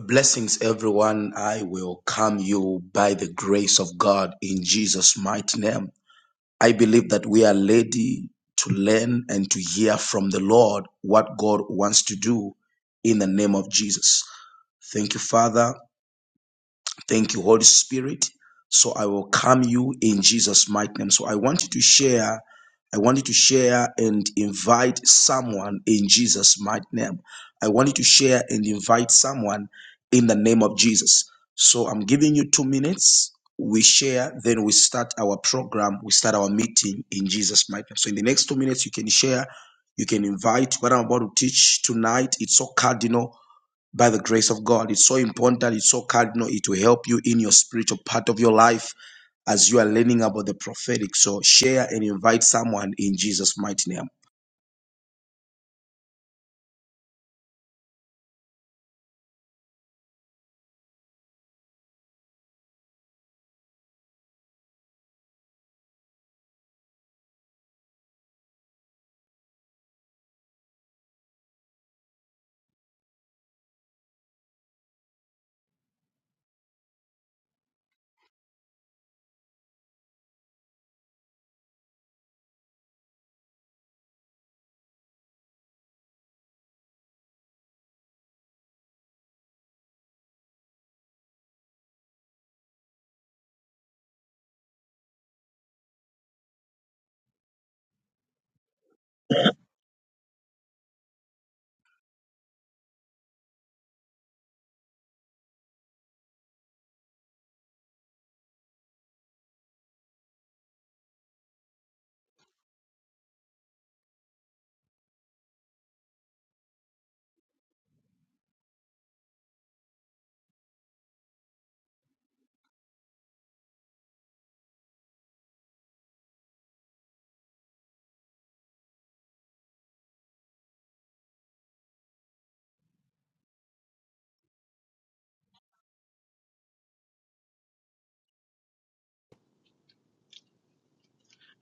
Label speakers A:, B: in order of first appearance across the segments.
A: Blessings, everyone. I welcome you by the grace of God in Jesus' mighty name. I believe that we are ready to learn and to hear from the Lord what God wants to do in the name of Jesus. Thank you, Father. Thank you, Holy Spirit. So I welcome you in Jesus' mighty name. So I want you to share. I want you to share and invite someone in Jesus' mighty name. I want you to share and invite someone in the name of Jesus. So I'm giving you two minutes. We share, then we start our program. We start our meeting in Jesus' mighty name. So in the next two minutes, you can share, you can invite. What I'm about to teach tonight, it's so cardinal by the grace of God. It's so important, that it's so cardinal, it will help you in your spiritual part of your life as you are learning about the prophetic. So share and invite someone in Jesus' mighty name.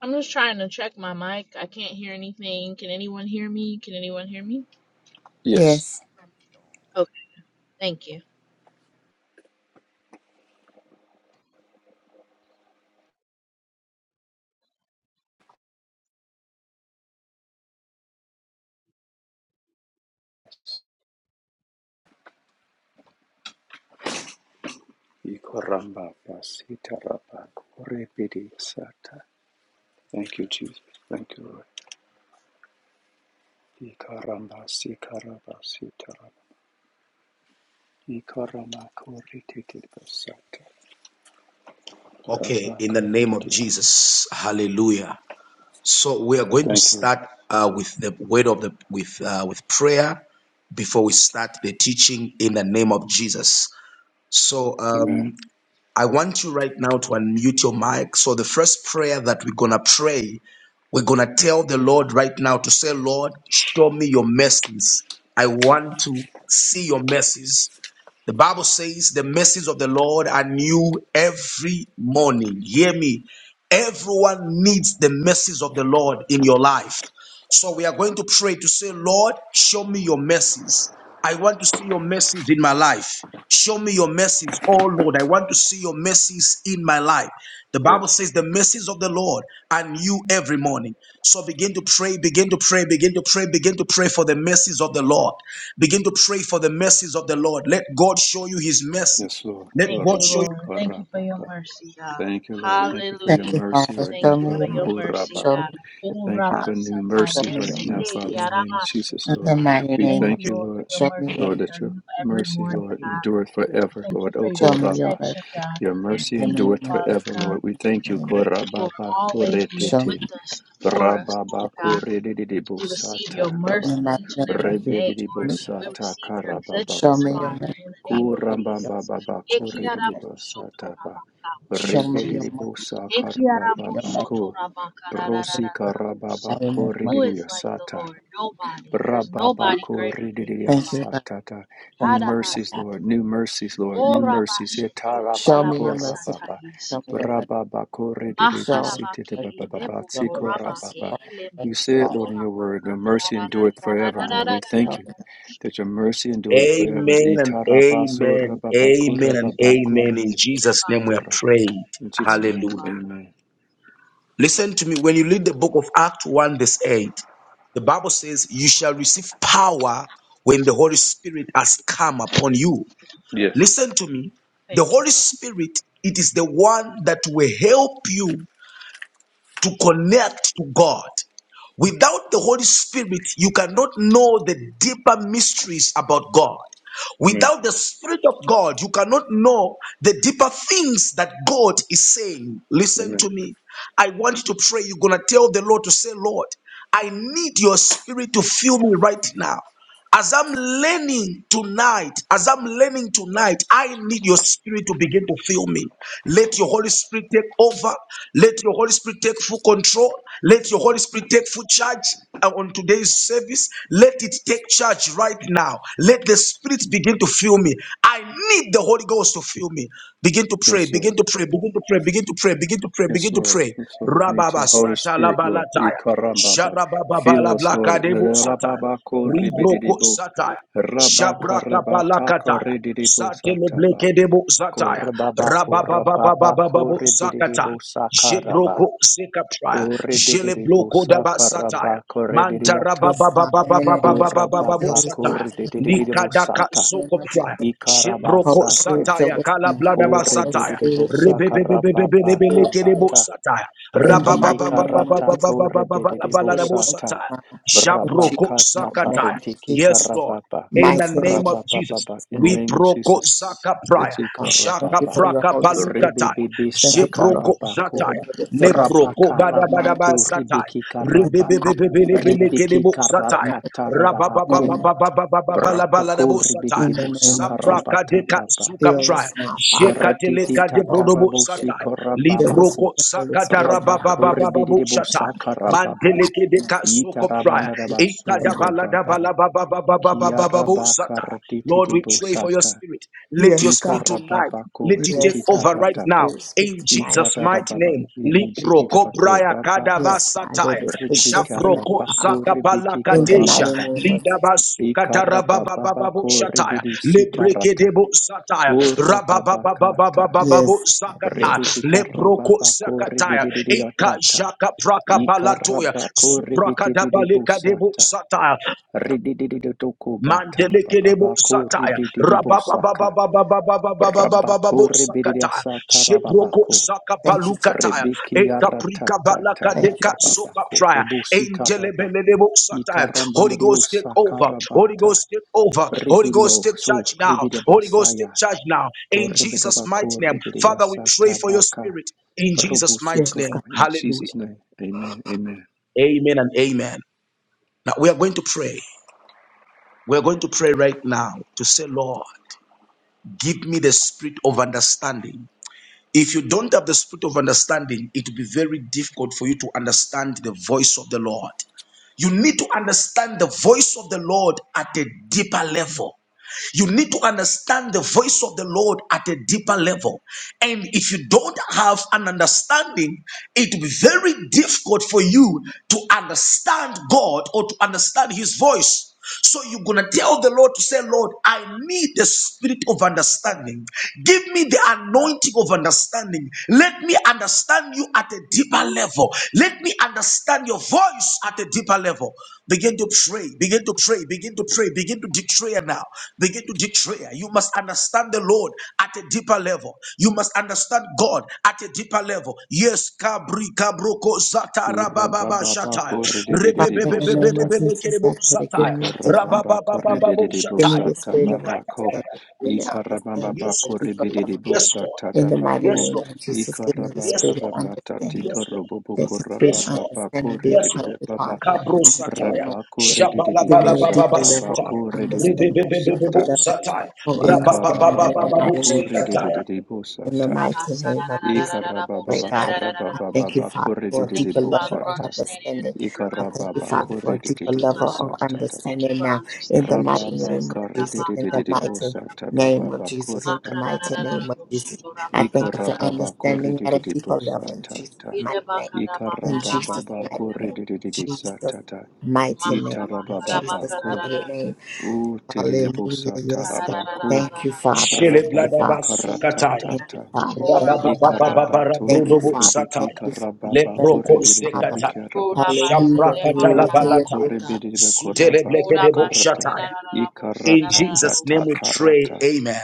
B: I'm just trying to check my mic. I can't hear anything. Can anyone hear me? Can anyone hear me?
C: Yes.
D: Yes.
B: Okay, thank you.
C: Ikoramba basita raba kore Thank you, Jesus. Thank you, Lord. Ikaramba sikaraba sitaraba. Ikarama kore titi basata.
A: Okay,
C: Ramba
A: in the
C: kore
A: name of Jesus, hallelujah. So we are going to
C: Thank you.
A: start uh, with the word of the with uh, with prayer before we start the teaching in the name of Jesus. So
C: Amen.
A: um, I want you right now to unmute your mic. So, the first prayer that we're going to pray, we're going to tell the Lord right now to say, Lord, show me your mercies. I want to see your mercies. The Bible says the mercies of the Lord are new every morning. Hear me. Everyone needs the mercies of the Lord in your life. So we are going to pray to say, Lord, show me your mercies. I want to see your mercies in my life. Show me your mercies, oh Lord. I want to see your mercies in my life. The Bible
C: Yes.
A: says the mercies of the Lord are new every morning. So begin to pray, begin to pray, begin to pray, begin to pray for the mercies of the Lord. Begin to pray for the mercies of the Lord. Let God show you his mercy.
C: Yes, Lord.
A: Let
B: Thank
A: God
B: you,
A: show you.
C: Koramba
B: Lord. Thank you for your
C: korababa.
B: mercy, God.
C: Thank you, Lord. Thank you for your
D: Thank
B: Hallelujah.
D: you,
C: mercy
D: Father.
C: right
B: Thank
D: Show
C: now,
B: you
D: me
B: for
D: your
C: Father.
B: your
D: mercy.
B: mercy,
D: Show
C: Korababa.
B: God.
D: me your mercy.
B: Oh,
C: Thank you
D: Father.
B: Rama
C: for new
D: Show
C: mercies
D: me
C: right
D: your
C: now, Father,
D: mercies.
C: in the name of Jesus,
D: In
C: Lord.
D: the mighty
C: We
B: Thank
D: name of
C: thank
B: you,
C: you,
B: Lord, for
C: Lord,
B: your
D: show me
B: mercy
D: your
C: Lord,
B: that
D: mercy.
C: that
B: are
C: your
B: new every
C: mercy,
B: morning,
C: Lord,
B: God.
C: endureth forever,
B: Thank you
C: Lord. O
B: for your
D: Show me your
C: Koraba,
B: protection,
D: mercy.
B: God.
C: your
D: In
C: mercy
D: the
B: Thank you,
D: name
C: endureth
D: of
B: Father
D: Jesus.
C: forever, Lord.
B: God,
C: We thank you,
D: Amen.
B: for
C: Korababa,
B: always being
D: Show me
C: Koretete.
D: your
B: with us, for us,
C: Rababa
D: mercy.
B: God.
C: kurididi
B: We receive your
C: bosata
D: In the
C: baba.
B: mercy
D: mighty
B: each
D: name
B: and every
D: of Jesus.
B: day,
C: Rebedidi
B: Lord. We
C: bosata
B: receive your
C: karababa
D: Show
B: goodness,
D: me your
C: baba.
B: Father,
D: mercy.
B: in the name
D: Show
B: of
D: me
C: Kuramba
D: your mercy. God.
B: Jesus.
C: baba
D: Show me your
C: kurididi
D: mercy.
C: bosata ba.
B: Thank
D: Show
B: you,
D: me your
C: Rebedidi
B: Jesus.
D: mercy.
C: bosa
D: God. Your
C: karababa
D: mercy.
C: ku.
D: In
C: Brosi
D: the
C: karababa
D: mighty name of-
B: Who
C: kurididi
B: is like the
C: yosata.
B: Lord? Nobody. There's nobody greater than you,
D: Thank you,
B: Father.
D: God.
C: Rababakorididiasatata. New mercies,
D: for-
C: Lord. New mercies, Lord. New mercies.
D: Show me your mercy. God.
C: Yetarabakorababa.
D: Show me your mercy. Show us
B: Maharabake
D: mercy, God.
B: elebo
D: Show me your mercy,
B: korabake
C: Rababakorididibisikitibabababasikorababa.
D: God.
B: elebo
D: Mercy,
C: You say it,
D: God.
C: Lord, in your word.
B: sotorabaka
C: Your mercy
D: Show me your
C: endureth forever, Lord.
D: Father,
C: We
D: show
C: thank you
D: me your
C: that your mercy endureth forever.
A: Amen and
B: Elebakiyarabaka.
A: amen. Amen
B: Thank
A: and
B: you,
A: amen.
C: Itarabasorababakorababakoribibaba.
B: Jesus.
A: In Jesus' name
B: Idabaha.
A: we are prayed.
C: In Jesus'
B: Thank you,
C: name,
A: Hallelujah.
B: Father.
C: amen.
A: Listen to me. When you read the book of Acts 1, verse 8, the Bible says, You shall receive power when the Holy Spirit has come upon you.
C: Yes.
A: Listen to me. The
B: Thank you,
A: Holy
B: Father.
A: Spirit, it is the one that will help you to connect to God. Without the Holy Spirit, you cannot know the deeper mysteries about God.
C: Amen.
A: Without the Spirit of God, you cannot know the deeper things that God is saying. Listen to
C: Amen.
A: me. I want you to pray. You're going to tell the Lord to say, Lord, I need your Spirit to fill me right now. As I'm learning tonight, as I'm learning tonight, I need your spirit to begin to fill me. Let your Holy Spirit take over. Let your Holy Spirit take full control. Let your Holy Spirit take full charge uh, on today's service. Let it take charge right now. Let the Spirit begin to fill me. I need the Holy Ghost to fill me. Begin to
C: Yes,
A: pray,
C: sir.
A: begin to pray, begin to pray, begin to pray, begin to pray,
C: Yes,
A: begin to
C: Lord.
A: pray.
C: Yes, Lord. We need
A: Rababa
C: your Holy
A: sata la
C: Spirit, Lord.
A: balataya.
C: Ikarambaba.
A: Sharababa
C: Fill
A: la
C: us, Lord.
A: blakadebo sataya. Ribroko
C: Rababakoribididiboo.
A: sataya. Shabraka palakataya.
C: Rabakarabatakorididiboo
A: Satele
C: sataba.
A: bleke debo sataya. Rabababababababu sakata.
C: Korababakorababakoribididiboo sakaraba.
A: Jebroko sekatraya. Jele
C: Koridididiboo
A: bloko daba sataya.
C: sakaraba
A: Manta
C: korididiata.
D: Yes, God. In the name of Jesus, the
A: rabababababababababu
D: Holy Spirit,
A: sataya.
D: fill us, God.
C: Korababakoridididiboo
A: Likadaka
C: sata.
D: In the name
A: soko
D: of Jesus,
A: praya.
D: Holy
A: Jebroko
D: Spirit,
C: Ikarabasata.
D: fill
A: sataya.
D: us
A: Kala
D: now.
A: bladaba
D: Holy
A: sataya.
C: Koribididiboo
D: Spirit, fill us, Spirit,
A: Rebebebebebebelebeleke
D: fill us.
A: debo
C: sakarababakabata.
A: sataya.
D: In the
C: Rebeke
D: mighty name of
C: karata
D: Jesus,
C: ko rebede
D: Holy
C: de
D: Spirit,
A: Rabababababababababababalabo
D: fill us
C: bosata.
A: sataya.
D: now. In Jesus'
A: Jabroko
C: Brabakata
D: mighty name,
A: Sakata.
D: in
C: karetiki
D: Jesus'
A: Yes, Lord
C: karababa.
A: in
D: mighty
A: the
D: name, in
A: name of Jesus.
C: Rabababa.
D: Jesus'
C: In
D: mighty
C: the
D: name.
A: We
C: name of
A: proko
C: Jesus.
A: zaka
D: Thank
A: praya,
D: you,
C: Itzi
D: Father. Thank
A: jaka
D: you
C: karababa.
D: for your
A: praka
D: Holy Spirit.
A: palukataya,
C: Rebebebe
D: Thank you for the
A: jeproko
D: Holy
C: sakarabako.
A: zataya,
D: Spirit. Let it fill
A: leproko bada
D: us
A: bada bada
C: Brabakarabako
A: sataya,
C: rebeki
D: in the
C: karaba.
D: mighty name of
C: Rebeki
A: rebebebebebelebelekebo
D: in the
A: sataya,
C: karata
D: mighty name
C: tarababako.
D: of
A: rabababababababababalabalabo
C: Brabako rebede
A: sataya,
D: in
C: de
D: the name of Jesus.
A: sabraka
C: bosakarabata
A: deka
C: baba.
A: suka
D: Fill
A: praya,
D: us now, Father. Fill
C: Koratiti
A: jekateleka debrodobo
C: tatarabosi
A: sataya,
D: us with
C: korababaku.
A: libroko
D: the Holy
A: zakata
D: Spirit. Fill us with the Holy Spirit now in
A: rababababababo
C: Rabakuribidibosa
A: sataya,
D: Jesus'
C: karababa.
D: name.
A: manteleke deka suko
D: In
A: praya,
D: Jesus' mighty name. In Jesus'
C: Itarabandarabaso
A: ikada
D: mighty
C: to
A: bala
C: baba.
D: name.
A: bala baba
C: Kiarabakaratiti
A: Lord, we pray for your
C: debosata.
A: spirit. Let your
D: Yes, God.
A: spirit tonight.
C: Ikarababako
A: Let it take
D: Yes, God.
A: over
D: Let
A: right
D: the
C: rikikarataba.
A: now
D: Spirit speak
A: in
D: tonight.
A: Jesus' mighty
C: Ikarababa,
A: name. Liproko
C: Inijikidabako,
A: braya
C: Rabaka,
D: Yes, God. Let
A: kadabasataya.
D: it speak just tonight,
A: Shaproko
C: Britikarabako,
D: Father.
C: Ribikiko
D: In the
A: zakabalakatesha.
D: mighty
C: Rababa,
D: name of Jesus.
A: Lidabasukatarababababo
C: Ikarababako,
A: shataya.
C: Ribidisikarata,
A: Lebrekedebo sataya.
C: Kurababakata,
A: Rabababababababo
D: Yes, God. Yes.
A: sakataya. Lebroko
C: Ribikikarabbako,
A: sakataya. Eka
C: Ridididiatata,
A: shaka prakapalatoya.
C: Ikarabako,
A: Suprakadabalekadebo
C: Ribididibusata,
A: sataya.
C: Rididididokobata,
A: Mandelekedebo
C: Rababako,
A: sataya.
C: Ribididibusaka, Brabaku
A: Rabababababababababababababo sakataya.
C: ribidiasata
A: Shebroko
C: rababaku.
D: Thank you. Jesus.
A: sakapalukataya.
C: Ribiki
A: Ekaprika
C: aratata
A: balaka
D: Thank you,
A: deka
D: Jesus.
A: soka
C: tabababaku.
A: praya.
C: bobusi karaba.
A: Engelebelelebo sataya. Holy Ghost take
C: Ikarambandadiusa
A: over. Holy
C: karabata.
A: Ghost take over. Holy Ghost
C: Ribidio
A: take
C: su
A: charge now. Holy Ghost
C: ribidibasaya.
A: take charge now. In Jesus'
C: Koribidabaku
A: mighty name. Father, we pray
C: ribidiasata
A: for your
C: baka.
A: spirit. In Jesus'
C: Brubusi
A: mighty
D: Yes, God.
A: name.
C: koram. In Jesus'
A: Hallelujah.
C: name. Amen. Amen.
A: Amen and amen. Now we are going to pray. We are going to pray right now to say, Lord. Give me the spirit of understanding. If you don't have the spirit of understanding, it will be very difficult for you to understand the voice of the Lord. You need to understand the voice of the Lord at a deeper level. You need to understand the voice of the Lord at a deeper level. And if you don't have an understanding, it will be very difficult for you to understand God or to understand His voice. So you're gonna tell the Lord to say, Lord, I need the spirit of understanding. Give me the anointing of understanding. Let me understand you at a deeper level. Let me Understand your voice at a deeper level. Begin to pray, begin to pray, begin to pray, begin to declare now. Begin to declare. You must understand the Lord at a deeper level. You must understand God at a deeper level. Yes, kabri kabroko zata rabababa
C: Urababa
A: shataya.
D: Father,
C: korredede
D: in the name
C: bosata.
D: of
A: Rebebebebebelebele
D: Jesus, I
A: kerebo
D: pray, give
A: sataya.
D: me deep
C: Ikorababa
D: understanding.
A: Rabababababo
C: korredede
D: Give me
A: shataya.
D: the
C: bosata
D: spirit of
A: Nikataya.
C: babako.
D: understanding. Let me understand you
C: Ikarababa
A: Yes,
D: at a
A: Lord.
D: deeper
C: korredede
D: level,
A: Yes,
D: God.
A: Lord.
C: bosata
D: In the mighty
A: Yes,
C: tabako.
D: name
A: Lord.
D: of Jesus, give me the
C: Ikaraba
A: Yes,
D: spirit of
A: Lord.
C: karambata
D: understanding.
A: Yes, Lord.
C: tikorobobo
D: Let the spirit
A: Yes,
D: of
A: Lord.
C: korababa
D: understanding be
A: Yes,
D: upon
A: Lord.
C: korredede
D: me, Father,
C: baba.
D: right
A: Kabro
D: now. In the name
A: sataya.
D: of
C: Rabako
D: Jesus,
A: Shabala
C: redede
D: give
A: bala
D: me a
A: baba
D: deeper
C: bosata
D: level of
A: basutaya.
C: bako redede
D: understanding, deeper
C: bosata.
A: Rebebebebebebo
D: level
A: sataya.
D: of understanding. In
C: Ikarababa
D: the mighty
A: Rababababababu
C: bako
D: name of
A: sekataya.
C: redede
D: in the
C: bosata.
B: Rabba
D: mighty name of Jesus,
B: sararararararabo,
D: great
C: Ikarababa
D: God, I
B: sararararararabo.
C: korababa
D: thank you, Father,
C: bako
D: for a
C: redede
B: Thank
D: deeper
B: you, Father,
D: level
B: for
D: of
C: bosata.
B: understanding at a
D: understanding.
B: deeper
D: I
B: level,
D: thank you,
B: God.
C: Ikarababa
D: Father, for a deeper
B: Thank
C: korredededed
B: you,
D: level
B: God.
D: of
C: basatataba.
B: Thank you
D: understanding
B: for
D: now. In the
B: understanding,
D: mighty
C: Rababa
B: Jesus.
D: name of Jesus, in
B: Rabaka,
D: the
C: korredededed
D: mighty
B: rararararabo.
D: name of
C: bosatababa
D: Jesus, in the mighty
C: korratababa.
D: name of
B: Makarararararabo,
D: Jesus, I thank you for
B: sotorabaka,
C: Ikarababa
D: understanding at a
C: korrededed
D: deeper level in Jesus'
C: bosatata.
D: mighty
B: Amen.
D: name. In Jesus'
C: Ikarababa
D: mighty name.
C: korrededed
D: Jesus'
C: satata.
D: mighty name. In
C: Itarababa
D: Jesus'
C: ko.
D: mighty name. Hallelujah.
C: Uteribusa
D: Yes, God.
C: taraba ko.
D: Thank you, Father.
A: Shele
D: Thank you,
A: blada
C: Rababa
D: Father.
A: basukataya.
D: Thank you,
C: karatatata.
D: Father. Thank you, Father.
C: Ikarabato
D: Thank you,
A: Rabababababababrudobo
D: Father. Thank
C: rebebebeki
A: sataya.
D: you,
C: karababa
D: Father. Thank
A: Leproko
D: you,
C: korrededed
D: Father.
A: sekataya.
C: bekaraba.
D: Hallelujah.
A: Shabrakatala
D: Glory to
C: Rabba
D: your
A: balataya.
D: name, God.
C: korebedebe
A: Sutele
C: korababa
A: blekedebo
C: karata.
A: shataya. In
C: Ikarata ta
A: Jesus' name we pray.
C: karata.
A: Amen.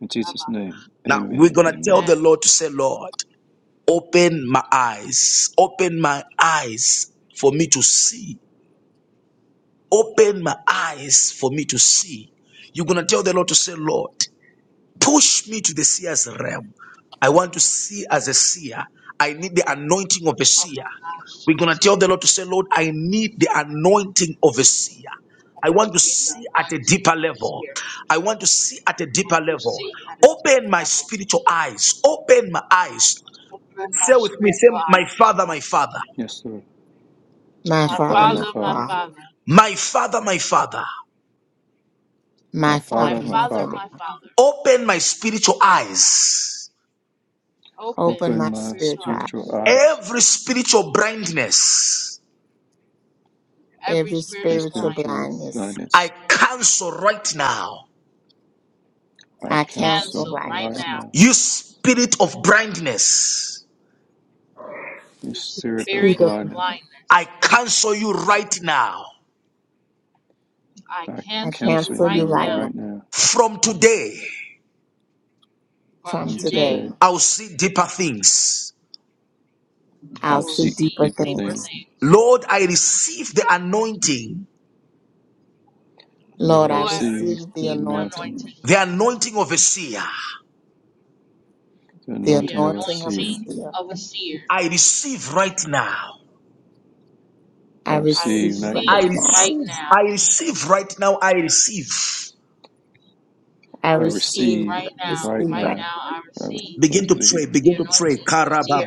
C: In Jesus' name,
A: Now we're
C: amen,
A: going to tell
C: amen.
A: the Lord to say, Lord. Open my eyes. Open my eyes for me to see. Open my eyes for me to see. You're going to tell the Lord to say, Lord, push me to the seer's realm. I want to see as a seer. I need the anointing of a
B: Our
A: seer.
B: eyes
A: We're
B: to
A: going to
B: see
A: tell the Lord to say, Lord, I need the anointing of a seer. I want to
B: the
A: see at a
B: Anointing
A: deeper
B: of the
A: level.
B: Spirit.
A: I want to see at a
B: I
A: deeper
B: want to
A: level.
B: see at a deeper
A: Open my
B: level.
A: spiritual eyes. Open my eyes.
B: Open my
A: Say with me, say,
B: spiritual
A: My
B: eyes,
A: Father, my
B: Father.
A: Father,
C: Yes, sir.
D: My
C: My
B: My
D: Father,
C: Father, my
D: my
B: Father, my
C: Father,
D: Father.
B: Father,
A: my Father, my Father,
D: My
C: my
B: my
C: Father,
D: Father,
C: my
D: my
B: Father,
D: Father.
C: Father,
B: my Father.
A: open my spiritual eyes.
B: Open
D: Open my
B: my
C: open my
B: spiritual
D: spiritual
C: spiritual
B: eyes.
D: eyes.
C: eyes
A: Every spiritual blindness,
B: Every
D: Every
C: and
B: spiritual
D: spiritual
C: spiritual
B: blindness,
D: blindness,
A: I
C: blindness.
A: cancel right now.
B: I
C: I
D: I cancel
C: counsel
B: cancel
D: right
B: right
C: right
D: now.
B: now.
C: now.
A: You spirit of blindness,
C: You
B: You
C: spirit
D: Through
C: of
B: spirit of
D: the-
C: blindness,
A: I
B: blindness,
A: cancel you right now.
B: I
C: I
D: I
B: cancel you
C: counsel
D: cancel you
B: right
C: you
D: right
B: now.
D: now.
C: right now.
A: From today,
B: From
D: From
C: From
D: today,
B: today,
C: today,
A: I'll see deeper things.
C: I
B: I
D: I'll
C: will
B: will
D: see
C: seek
D: deeper
B: see
C: deeper
B: deeper
C: things.
D: things.
B: things.
A: Lord, I receive the anointing,
D: Lord,
C: Lord, I
D: I
B: Lord, I
C: receive
D: receive
C: the
D: the
B: receive the
C: anointing,
D: anointing,
B: anointing,
A: the anointing of a seer.
C: the
D: the
B: the
C: anointing of a
D: anointing of a
C: seer
B: anointing
D: seer.
B: of a seer.
A: I receive right now.
C: I
D: I
B: I
C: receive
D: receive
C: right
A: I
D: right
B: receive
C: now.
D: now.
B: right
A: receive.
B: now.
A: I receive right now. I receive.
D: I
B: I
C: I
B: receive
C: receive
D: receive,
B: right now.
C: right
D: receive
B: Right
D: right
C: now.
B: now, I
C: I
B: receive
A: Begin to
C: receive.
A: pray.
B: the
A: Begin to
B: anointing of a
A: pray.
B: seer,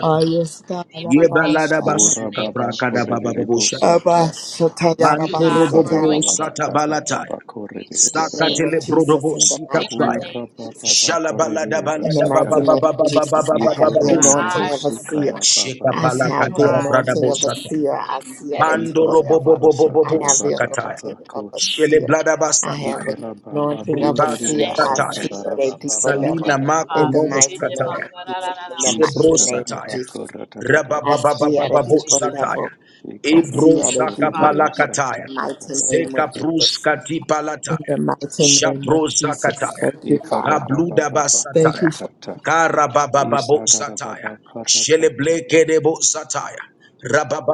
D: Ah, yes, God.
B: deeper things. In
D: Abashata.
B: the name of
C: Urababa
B: Jesus,
C: korerere bosata.
D: Abashata,
B: thank you, God,
D: yarabasata,
B: for anointing
C: Ikarababa
D: yarabasata.
C: karababa
B: me
D: In
B: to
C: korerere
D: the name
B: see
D: of
C: bababa.
D: Jesus, in the mighty
B: deeper
D: name of
B: things
D: Jesus,
C: Kurababa korerere
D: in the mighty
C: basakarababa.
D: name of Jesus, I have
B: into
D: the
B: my
D: anointing of a
B: eyes,
C: Ikorobobobosi
D: seer.
C: karababa.
D: I have
B: spiritual
D: the
B: eyes,
D: anointing
B: to
D: of a
B: see
D: seer. I
B: deeper
D: see at a
B: things
D: deeper level.
C: Ikorababa
D: I have the
C: satarababa
D: anointing of
C: kor.
D: a seer. I have the
C: Ikarababa
D: anointing of a
B: in the
C: korerere
D: seer.
B: name
D: I
B: of
D: see at a
B: Jesus.
C: asatarababa
D: deeper level.
A: Salina
B: Thank you,
C: karara.
A: mako
D: In the
B: Father.
A: nomos
D: mighty name
A: kataya.
D: of Jesus, in the
A: Shebro
D: mighty name of
C: Isatarababa
A: sataya.
D: Jesus, I
C: koratarababa
D: see at a
B: Thank
C: sata.
B: you,
A: Rabababababo
D: deeper
B: Jesus.
D: level.
A: Zataya.
D: I
A: Ebro
D: see
C: Ikaraba
D: at a
B: Thank you,
A: Zaka
D: deeper
B: Father.
C: korediya
D: level.
A: Palakataya.
C: sata
D: In the
C: ta ba
D: mighty
C: ba ba
D: name of
A: Zeka
C: ba ba.
D: Jesus.
A: Pruskati
D: In
A: Palataya.
D: the mighty name of
A: Shapro
D: Jesus.
A: Zakataya.
D: Thank you, Father.
A: Kabluda
D: Thank you,
A: Basataya.
C: karata
D: Father.
C: ta.
A: Karababababo Zataya.
C: karata ta ba.
A: Sheleblekebo Zataya.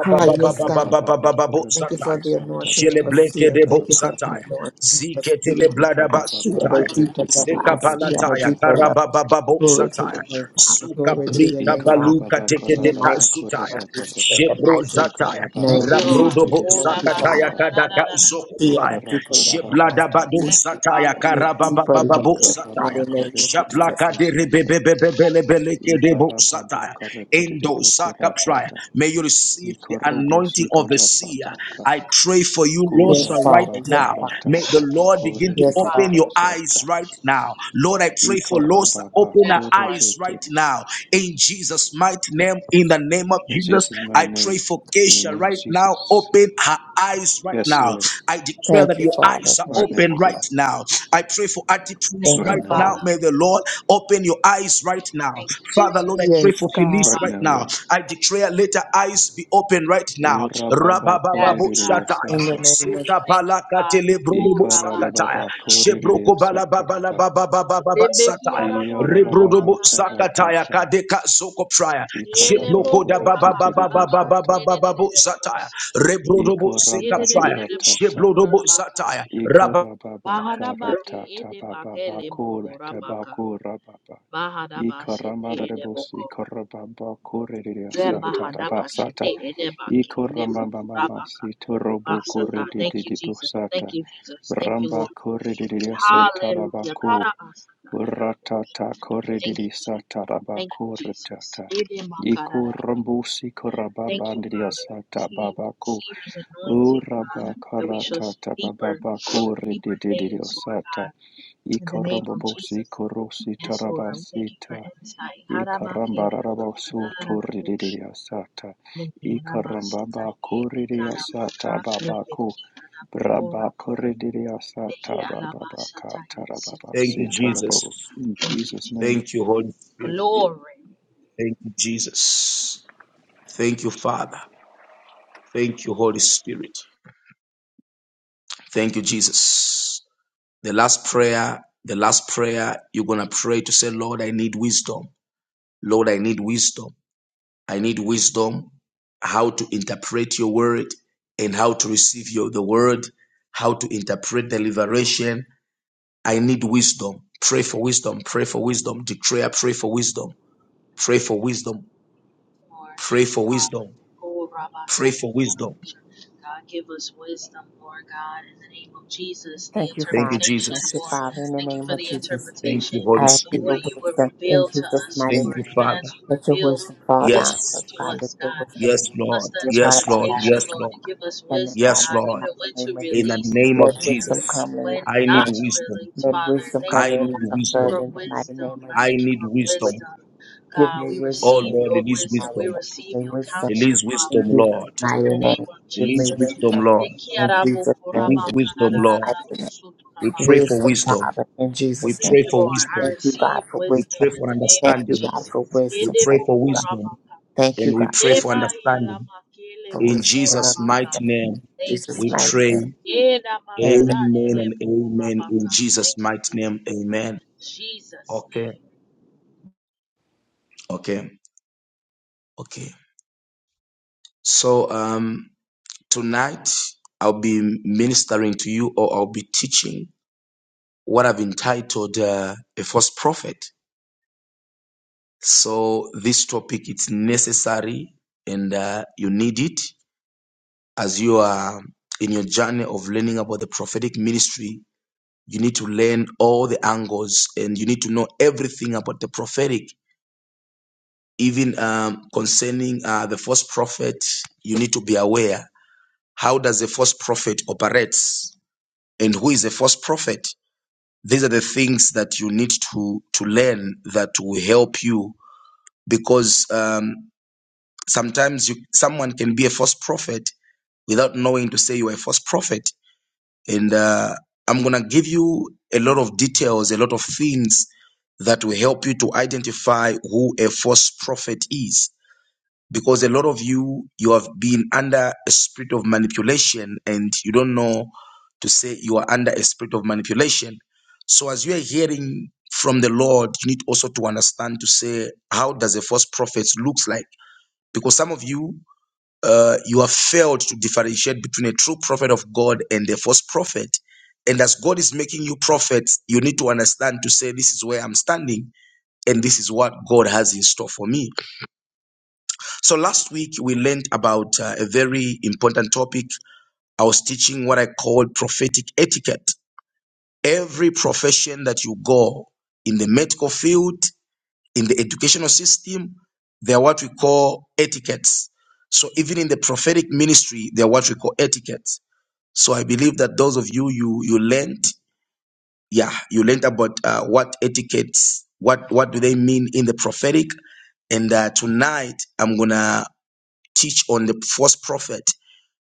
D: Ah, yes, God.
C: Ikaraba ba ba
D: Thank you for
A: Zataya.
C: korediya
D: the
C: sata
D: anointing
C: da
D: of a
C: ba
D: seal.
C: sata
A: Sheleblekebo
C: da
D: Thank you
C: ba
D: for
C: ba
D: the
A: Zataya.
C: koraba.
D: anointing of a
A: Ziketele
D: seal. I
A: Bladaba
C: Ikaraba
D: see
C: ba
D: at a
A: Sutaya.
D: deeper level.
A: Zeka
C: korediya
D: I
C: bo
D: see at a
A: Palataya.
C: sata.
D: deeper level.
A: Karababababo
D: Glory to your
A: Zataya
D: name, Father.
A: suka
D: Glory to your
A: brita
D: name, Father.
A: baluka teke
D: In the
A: deka
D: mighty name of
A: sutaya
D: Jesus. In the
A: jebro
D: mighty
A: zataya
B: Thank
D: name
B: you,
D: of Jesus.
A: rabrodobo
B: Lord.
D: Thank you,
A: zakataya
D: Father.
A: kadaka
D: See at a
A: zokoflaya
D: deeper level. I
A: jeblada
D: see.
A: bado
B: Thank you, Father.
A: zataya
D: A deeper level.
A: karababababo
D: in the
A: zataya
D: mighty name of Jesus.
A: shablaka de rebebebebelebeleke debo
C: Ikarababa karatiti
A: Endo Zakaprai.
C: bokoratata.
A: May you receive the anointing
C: Ikorobosi
A: of the seer.
C: karababaka.
A: I pray for you, Lord, sir,
D: Yes,
A: right
D: Father.
C: Kurababa
D: Yes,
A: now. May
D: Father.
A: the
C: karataka
A: Lord begin
B: Thank
A: to
B: you,
D: Yes,
C: bakoratiti
A: open
B: Father.
A: your
D: Father.
A: eyes
C: bosata.
A: right now. Lord, I pray for Lord, sir,
C: Ikarababa
A: open our
B: Yes, Lord.
A: eyes right
C: koratete.
A: now. In Jesus' mighty name, in the name of
C: In
A: Jesus,
C: Jesus' mighty
A: I pray
C: name,
A: for
C: in the
A: Keisha
C: name of
A: right now.
C: Jesus.
A: Open her
B: Thank
A: eyes
B: you,
A: right
B: Father.
C: Yes,
A: now.
C: Lord.
A: I declare that
D: Thank you,
A: your eyes
D: Father.
B: Thank you,
A: are
D: Thank
C: Right
D: you,
C: now,
A: open
D: Father.
A: right
B: Jesus.
C: Lord.
A: now. I pray for attitudes
D: Thank
B: Thank
C: Right
B: you,
D: you,
A: right
C: now,
A: now.
C: Lord.
D: Father.
B: Father.
A: May the Lord open your eyes right now.
B: Thank you,
A: Father, Lord, I
B: Jesus.
A: pray
D: Yes,
A: for
B: Thank you,
D: God.
A: Felice
C: Right
A: right
C: now,
B: Father.
A: now.
C: Lord.
A: I declare, let her eyes be open right now.
C: Urababa
A: Rabababo
B: Yes,
C: koratiti
B: God.
D: In
A: shataya.
D: the
C: asata.
D: name of
A: Seka
D: Jesus.
B: Thank you,
A: balaka
B: Father. Oh,
A: telebrodobo sakataya.
C: Ikarababa
B: Rabba,
C: koratiti
A: Shebroko balababala
C: asata.
A: bababababa sataya.
B: Rebehiaramo karama
A: Rebrodobo
C: Kiarababa
A: sakataya.
B: karararaboshe.
C: karatata.
A: Kadeka soko praya.
C: Ikoraba
A: Shebroko
B: Eleboko
A: da
B: rama karama
C: koratitibusata.
A: bababababababababo sataya.
B: rererereraboshe.
A: Rebrodobo seka
C: Ikoraba
A: praya.
B: Rererererabosu
C: koratata.
A: Jeblodobo
B: torarabaka.
A: Zataya. Rabba.
C: Ikorababa
B: Baharabake
C: karatata
B: edebake
C: bababa
B: leboko ramaka.
C: koratabako
B: Baharabashe te
C: Ikoramadabos,
B: edeboko.
C: Ikorababa, Corredia Sata,
B: Rebaharabashe
C: Rabasata,
B: te edebake leboko
C: Ikorambamba,
B: rama
C: Sitorobo,
B: Mahadaba
C: Corredia
B: Thank you, Jesus. Thank
C: Sata,
B: you, Jesus. Thank you,
C: Ramba,
B: Lord.
C: Corredia Sata,
B: Hallelujah.
C: Rabakub,
B: Karabasata.
C: Ratata
B: Thank
C: korridiri
B: you, Jesus.
C: sataraba
B: Thank you, Jesus.
C: korritata.
B: Edemakara
C: Iku
B: rererabo.
C: rambusi koraba
B: Thank you,
C: bandidia
B: Father.
C: sata
B: See,
C: babaku.
B: seer's anointing, Father,
C: Uraba
B: that we shall see
C: karatata
B: deeper,
C: bababa
B: deeper
C: korridididio
B: things, Lord
C: sata.
B: God. In the name of
C: Ikarambobosi
B: Jesus.
C: korosi
B: Yes, Lord. We thank you for
C: tarabasita.
B: insight.
C: Ikaramba
B: Harabake,
C: rarabosu
B: harabakara,
C: torrididia sata.
B: mehi, arabasata,
C: Ikarambaba
B: yeki,
C: korridia sata
B: karabaka,
C: babaku.
B: rebeki, arabokora, mehi, arabasata, yisiki,
A: Thank you,
B: edaba.
A: Jesus.
C: In
B: Thank you,
C: Jesus'
B: Jesus.
C: name.
A: Thank you, Holy Spirit.
B: Glory.
A: Thank you, Jesus. Thank you, Father. Thank you, Holy Spirit. Thank you, Jesus. The last prayer, the last prayer, you're going to pray to say, Lord, I need wisdom. Lord, I need wisdom. I need wisdom how to interpret your word and how to receive your, the word, how to interpret the liberation. I need wisdom. Pray for wisdom. Pray for wisdom. Declare, pray for wisdom Pray for wisdom.
B: Lord.
A: Pray
B: Thank you,
A: for
B: Father.
A: wisdom.
B: Oh, Rabba
A: Pray
B: Santa
A: for wisdom.
B: Maria. God, give us wisdom, Lord God, in the name of Jesus. The
D: Thank you,
A: Thank you,
D: Father.
B: interpretation,
D: Thank you,
A: Jesus.
B: Lord.
D: Father. In the
B: Thank you
D: name
B: for
D: of
B: the
D: Jesus.
A: Thank you,
B: interpretation
A: Holy
D: I ask you
B: of
D: for
A: Spirit.
B: what you will
D: wisdom in
B: reveal to
D: Jesus'
B: us,
D: mighty
A: Thank
B: Lord,
A: you,
D: name.
B: even as
A: Father.
B: you
D: Let your
B: reveal
D: wisdom fall down,
B: visions
A: Yes.
D: Lord
B: to
D: God. Let
B: us,
D: your
B: God
D: wisdom
A: Yes,
B: us
A: Lord.
B: the
D: be a part of
A: Yes,
D: our
A: Lord.
B: interpretation,
D: lives,
A: Yes,
B: Lord,
A: Lord.
B: and
D: God.
B: give us
D: Understanding,
B: wisdom,
D: God.
A: Yes,
D: In
B: God,
D: the
A: Lord.
B: even when
D: mighty name
B: to
D: of
A: In
D: Jesus.
A: the
B: release
A: name
D: Let
A: of
D: wisdom
B: and
A: Jesus,
D: come in
B: when
D: like
A: I
D: a
A: need
D: flood.
B: not to
A: wisdom.
B: release,
D: Let
B: Father.
D: wisdom
B: Thank
D: come
A: I
B: you,
D: in
A: need
B: Lord,
D: like a flood
B: for
A: wisdom.
D: in the mighty
B: wisdom.
D: name of
B: I
A: I
D: Jesus.
B: thank you
A: need
B: for
A: wisdom.
B: wisdom,
D: Give
B: God. We
D: me
A: Oh,
D: wisdom in
B: receive
A: Lord,
B: your
A: release
D: the
B: wisdom.
D: mighty
B: We
D: name.
A: wisdom.
D: Give
B: receive
D: me
B: your
D: wisdom
B: counsel,
A: Release
D: in
A: wisdom,
B: Father.
D: Jesus'
A: Lord.
B: In
D: mighty
B: the name
D: name.
B: of
D: Give me
A: Release
B: Jesus.
A: wisdom,
D: wisdom
A: Lord.
D: in Jesus' name. In
A: Release wisdom,
D: Jesus'
A: Lord.
D: mighty name.
A: We pray for
D: Wisdom,
A: wisdom.
D: Father, in
A: We
D: Jesus' name.
A: pray
B: Thank you,
A: for
B: Lord. I
D: Thank
A: wisdom.
D: you, God,
B: receive
D: for
A: We
B: wisdom
D: wisdom.
A: pray
B: in
A: for
B: the name
D: Thank
B: of
D: you,
A: understanding.
D: God, for
B: Jesus.
A: We
D: wisdom.
A: pray
D: Thank
A: for
D: you, God.
A: wisdom.
D: Thank you,
A: and we
D: God,
A: pray for
B: Ebaya la
A: understanding.
B: makele
D: for
A: In
D: wisdom
B: bokora
D: and
A: Jesus'
B: maka.
A: mighty
D: understanding. In
A: name,
B: Thank you,
D: Jesus'
A: we
D: mighty
B: Jesus.
D: name.
A: pray.
B: Eda
D: Amen.
B: makara
A: Amen
B: ere
A: and
B: bokora
A: amen. In
B: maka.
A: Jesus'
B: Thank you,
A: mighty
B: Jesus.
A: name, amen.
B: Jesus'
A: Okay,
B: name.
A: okay, okay. So um, tonight I'll be ministering to you, or I'll be teaching what I've entitled uh, a false prophet. So this topic it's necessary, and uh, you need it as you are in your journey of learning about the prophetic ministry You need to learn all the angles and you need to know everything about the prophetic, even um, concerning uh, the false prophet. You need to be aware how does the false prophet operates and who is the false prophet. These are the things that you need to to learn that will help you because um, sometimes you, someone can be a false prophet without knowing to say you are a false prophet and uh, I'm gonna give you a lot of details, a lot of things that will help you to identify who a false prophet is. Because a lot of you, you have been under a spirit of manipulation and you don't know to say you are under a spirit of manipulation. So as you are hearing from the Lord, you need also to understand to say, how does a false prophet looks like? Because some of you uh, you have failed to differentiate between a true prophet of God and a false prophet. And as God is making you prophets, you need to understand to say, This is where I'm standing, and this is what God has in store for me. So last week, we learned about uh, a very important topic. I was teaching what I called prophetic etiquette. Every profession that you go in the medical field, in the educational system, they are what we call etiquettes. So even in the prophetic ministry, they are what we call etiquettes. So I believe that those of you you you learned, yeah, you learned about uh, what etiquettes, what what do they mean in the prophetic, and uh, tonight I'm gonna teach on the false prophet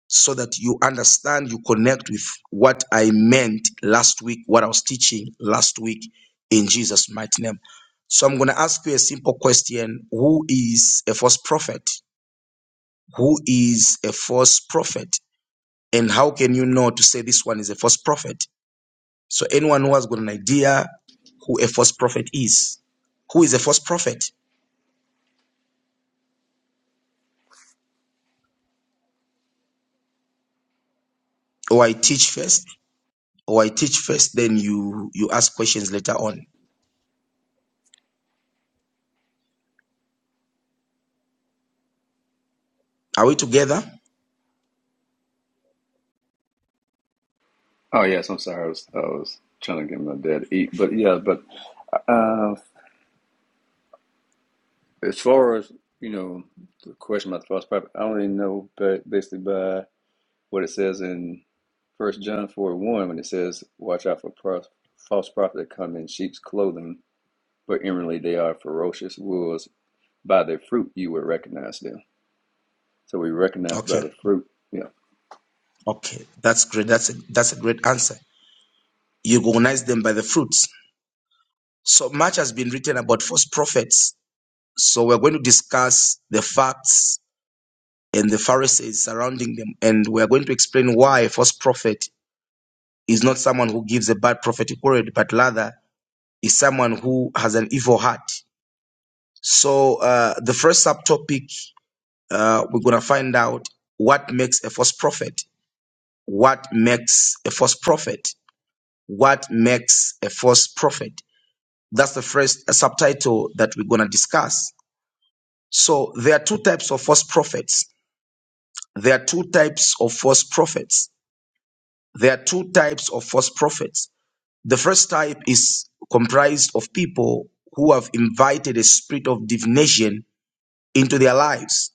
A: so that you understand, you connect with what I meant last week, what I was teaching last week in Jesus' mighty name. So I'm gonna ask you a simple question: Who is a false prophet? Who is a false prophet? And how can you know to say this one is a false prophet? So anyone who has got an idea who a false prophet is, who is a false prophet? Or I teach first, or I teach first, then you you ask questions later on. Are we together?
C: Oh yes, I'm sorry. I was I was trying to get my dad to eat, but yeah, but uh, as far as you know, the question about the false prophet, I only know ba- basically by what it says in First John four one when it says, "Watch out for pro- false prophets that come in sheep's clothing, but inwardly they are ferocious wolves. By their fruit you will recognize them." So we recognize by
A: Okay,
C: the fruit. Yeah.
A: okay, that's great. That's a, that's a great answer. You recognize them by the fruits. So much has been written about false prophets. So we're going to discuss the facts and the Pharisees surrounding them, and we're going to explain why a false prophet is not someone who gives a bad prophetic word, but rather is someone who has an evil heart. So uh, the first subtopic uh, we're gonna find out what makes a false prophet. What makes a false prophet? What makes a false prophet? That's the first uh, subtitle that we're gonna discuss. So there are two types of false prophets. There are two types of false prophets. There are two types of false prophets. The first type is comprised of people who have invited a spirit of divination into their lives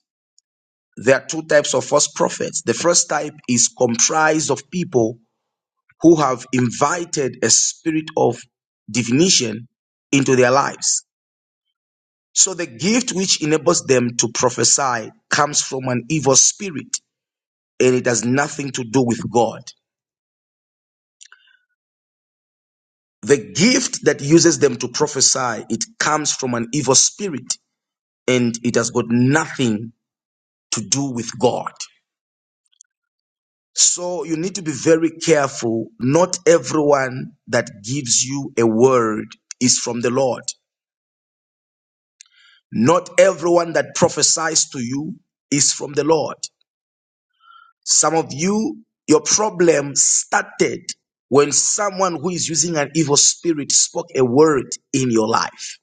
A: There are two types of false prophets. The first type is comprised of people who have invited a spirit of divination into their lives. So the gift which enables them to prophesy comes from an evil spirit and it has nothing to do with God. The gift that uses them to prophesy, it comes from an evil spirit and it has got nothing to do with God. So you need to be very careful. Not everyone that gives you a word is from the Lord. Not everyone that prophesies to you is from the Lord. Some of you, your problem started when someone who is using an evil spirit spoke a word in your life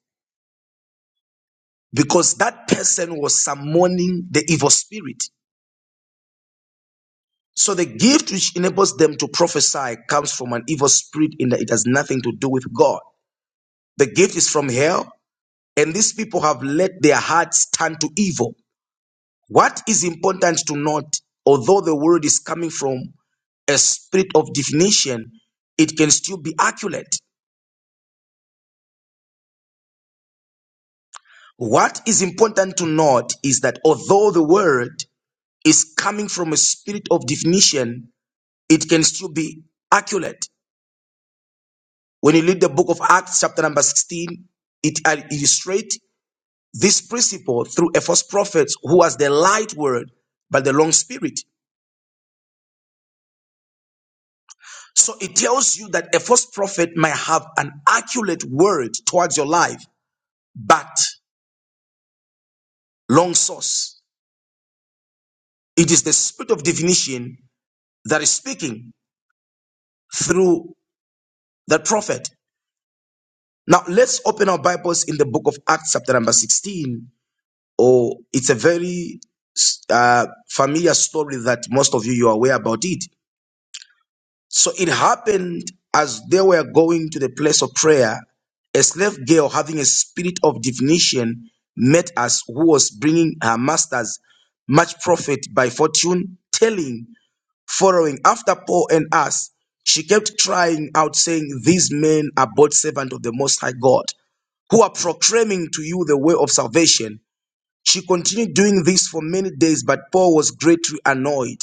A: because that person was summoning the evil spirit. So the gift which enables them to prophesy comes from an evil spirit in that it has nothing to do with God. The gift is from hell, and these people have let their hearts turn to evil. What is important to note, although the word is coming from a spirit of definition, it can still be accurate. What is important to note is that although the word is coming from a spirit of definition, it can still be accurate. When you read the book of Acts, chapter number 16, it illustrates this principle through a false prophet who was the light word but the wrong spirit. So it tells you that a false prophet may have an accurate word towards your life, but long source. It is the spirit of divination that is speaking through that prophet. Now let's open our Bibles in the book of Acts, chapter number 16. Oh, it's a very uh, familiar story that most of you you are aware about it. So it happened as they were going to the place of prayer, a slave girl having a spirit of divination met us, who was bringing her masters much profit by fortune telling, following after Paul and us. She kept crying out, saying, These men are both servants of the Most High God, who are proclaiming to you the way of salvation. She continued doing this for many days, but Paul was greatly annoyed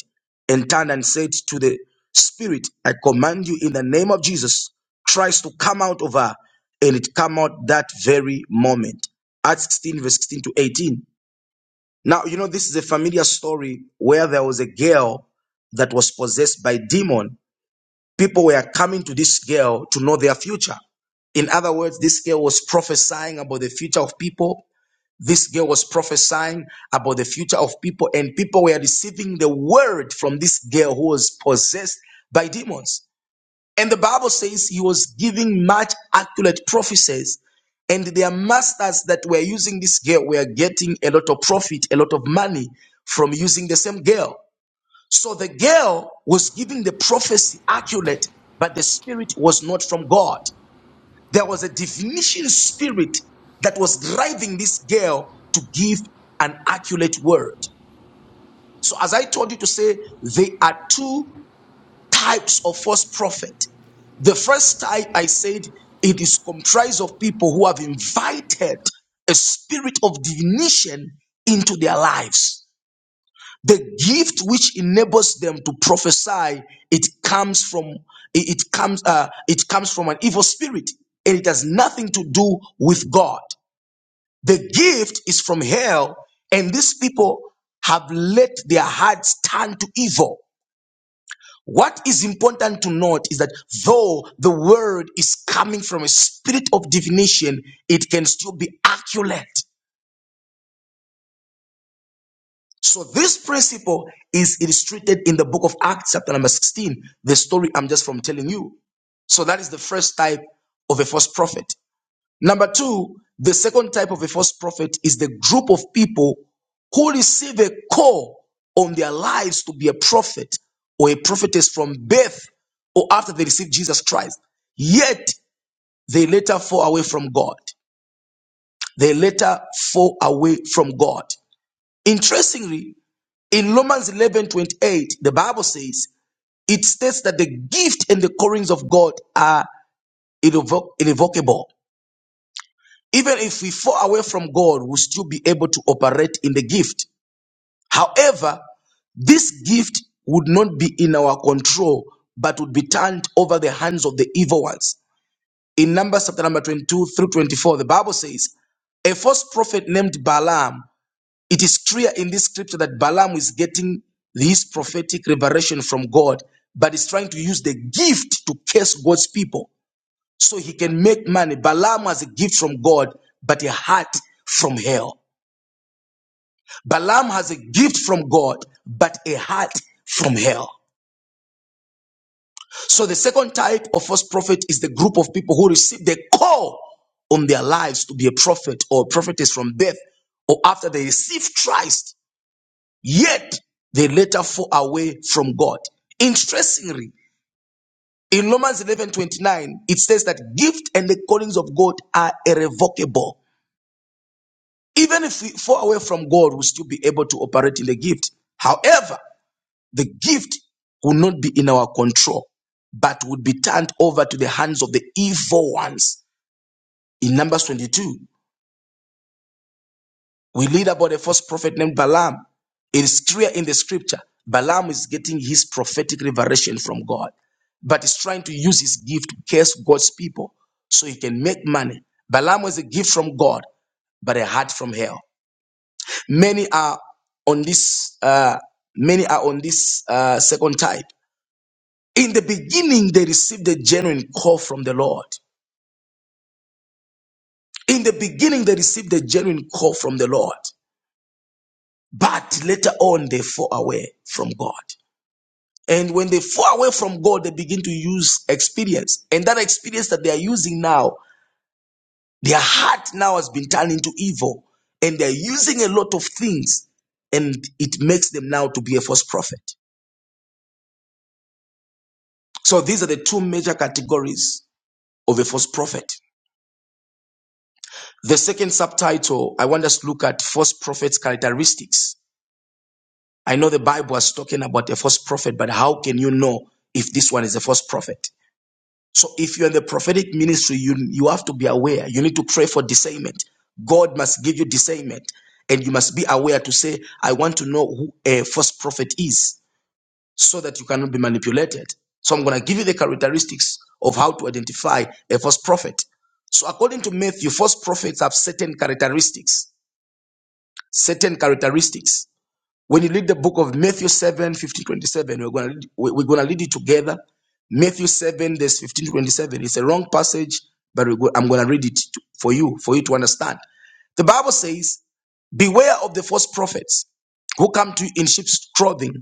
A: and turned and said to the spirit, I command you in the name of Jesus Christ to come out of her. And it came out that very moment. Acts 16, verse 16 to 18. Now, you know, this is a familiar story where there was a girl that was possessed by demon. People were coming to this girl to know their future. In other words, this girl was prophesying about the future of people this girl was prophesying about the future of people, and people were receiving the word from this girl who was possessed by demons. And the Bible says he was giving much accurate prophecies, and their masters that were using this girl were getting a lot of profit, a lot of money from using the same girl. So the girl was giving the prophecy accurate, but the spirit was not from God. There was a divination spirit that was driving this girl to give an accurate word. So, as I told you to say, there are two types of false prophet. The first type, I said, it is comprised of people who have invited a spirit of divination into their lives. The gift which enables them to prophesy, it comes from it it comes uh, it comes from an evil spirit, and it has nothing to do with God. The gift is from hell, and these people have let their hearts turn to evil. What is important to note is that though the word is coming from a spirit of divination, it can still be accurate. So this principle is illustrated in the book of Acts, chapter number 16, the story I'm just from telling you. So that is the first type of a false prophet. Number two, the second type of a false prophet is the group of people who receive a call on their lives to be a prophet or a prophetess from birth or after they receive Jesus Christ. Yet they later fall away from God. They later fall away from God. Interestingly, in Romans 11 28, the Bible says, it states that the gift and the callings of God are irrevoc- irrevocable. Even if we fall away from God, we'll still be able to operate in the gift. However, this gift would not be in our control, but would be turned over the hands of the evil ones. In Numbers chapter number 22 through 24, the Bible says, a false prophet named Balaam. It is clear in this scripture that Balaam is getting his prophetic revelation from God, but is trying to use the gift to curse God's people so he can make money. Balaam has a gift from God, but a heart from hell. Balaam has a gift from God, but a heart from hell. So the second type of false prophet is the group of people who receive the call on their lives to be a prophet or prophetess from death or after they receive Christ, yet they later fall away from God. Interestingly, in Romans eleven twenty nine, it says that gift and the callings of God are irrevocable. Even if we fall away from God, we'll still be able to operate in the gift. However, the gift will not be in our control, but would be turned over to the hands of the evil ones. In Numbers 22, we read about a false prophet named Balaam. It is clear in the scripture Balaam is getting his prophetic revelation from God, but he's trying to use his gift to curse God's people so he can make money. Balaam was a gift from God, but a heart from hell. Many are on this. Uh, many are on this uh, second type. In the beginning, they received a genuine call from the Lord. In the beginning, they received a genuine call from the Lord. But later on, they fall away from God. And when they fall away from God, they begin to use experience. And that experience that they are using now, their heart now has been turned into evil. And they're using a lot of things. And it makes them now to be a false prophet. So these are the two major categories of a false prophet. The second subtitle, I want us to look at false prophets' characteristics. I know the Bible is talking about a false prophet, but how can you know if this one is a false prophet? So if you're in the prophetic ministry, you, you have to be aware. You need to pray for discernment. God must give you discernment, and you must be aware to say, I want to know who a false prophet is. so that you cannot be manipulated. So I'm going to give you the characteristics of how to identify a false prophet. So according to Matthew, false prophets have certain characteristics. Certain characteristics. When you read the book of Matthew 7, fifteen, 27, we're going to, we're going to read it together. Matthew 7, verse 15, to 27. It's a wrong passage, but we're go- I'm going to read it to- for you, for you to understand. The Bible says, beware of the false prophets who come to you in sheep's clothing,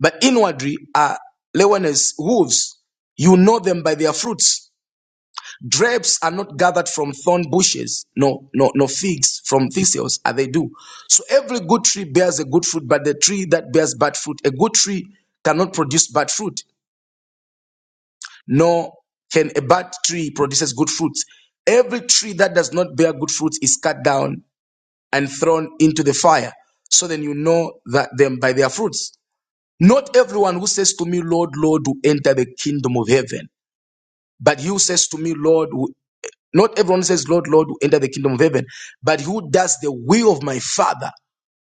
A: but inwardly are leoness wolves. You know them by their fruits. Grapes are not gathered from thorn bushes, no, no, no figs from thistles are they do. So every good tree bears a good fruit, but the tree that bears bad fruit, a good tree cannot produce bad fruit, nor can a bad tree produces good fruits. Every tree that does not bear good fruits is cut down and thrown into the fire. So then you know that them by their fruits. Not everyone who says to me, Lord, Lord, will enter the kingdom of heaven. But he who says to me, Lord, will- not everyone says, Lord, Lord, will enter the kingdom of heaven. But who does the will of my Father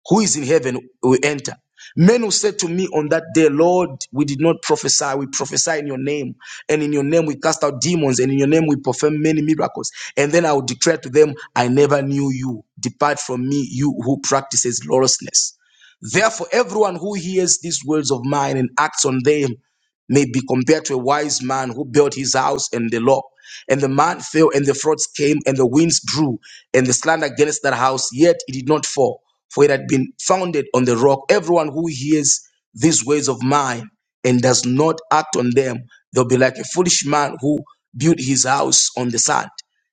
A: who is in heaven will enter. Men who said to me on that day, Lord, we did not prophesy, we prophesy in your name, and in your name we cast out demons, and in your name we perform many miracles. And then I will declare to them, I never knew you. Depart from me, you who practices lawlessness. Therefore, everyone who hears these words of mine and acts on them may be compared to a wise man who built his house in the law. And the man fell, and the floods came, and the winds drew, and the slant against that house, yet it did not fall, for it had been founded on the rock. Everyone who hears these words of mine and does not act on them, they'll be like a foolish man who built his house on the sand.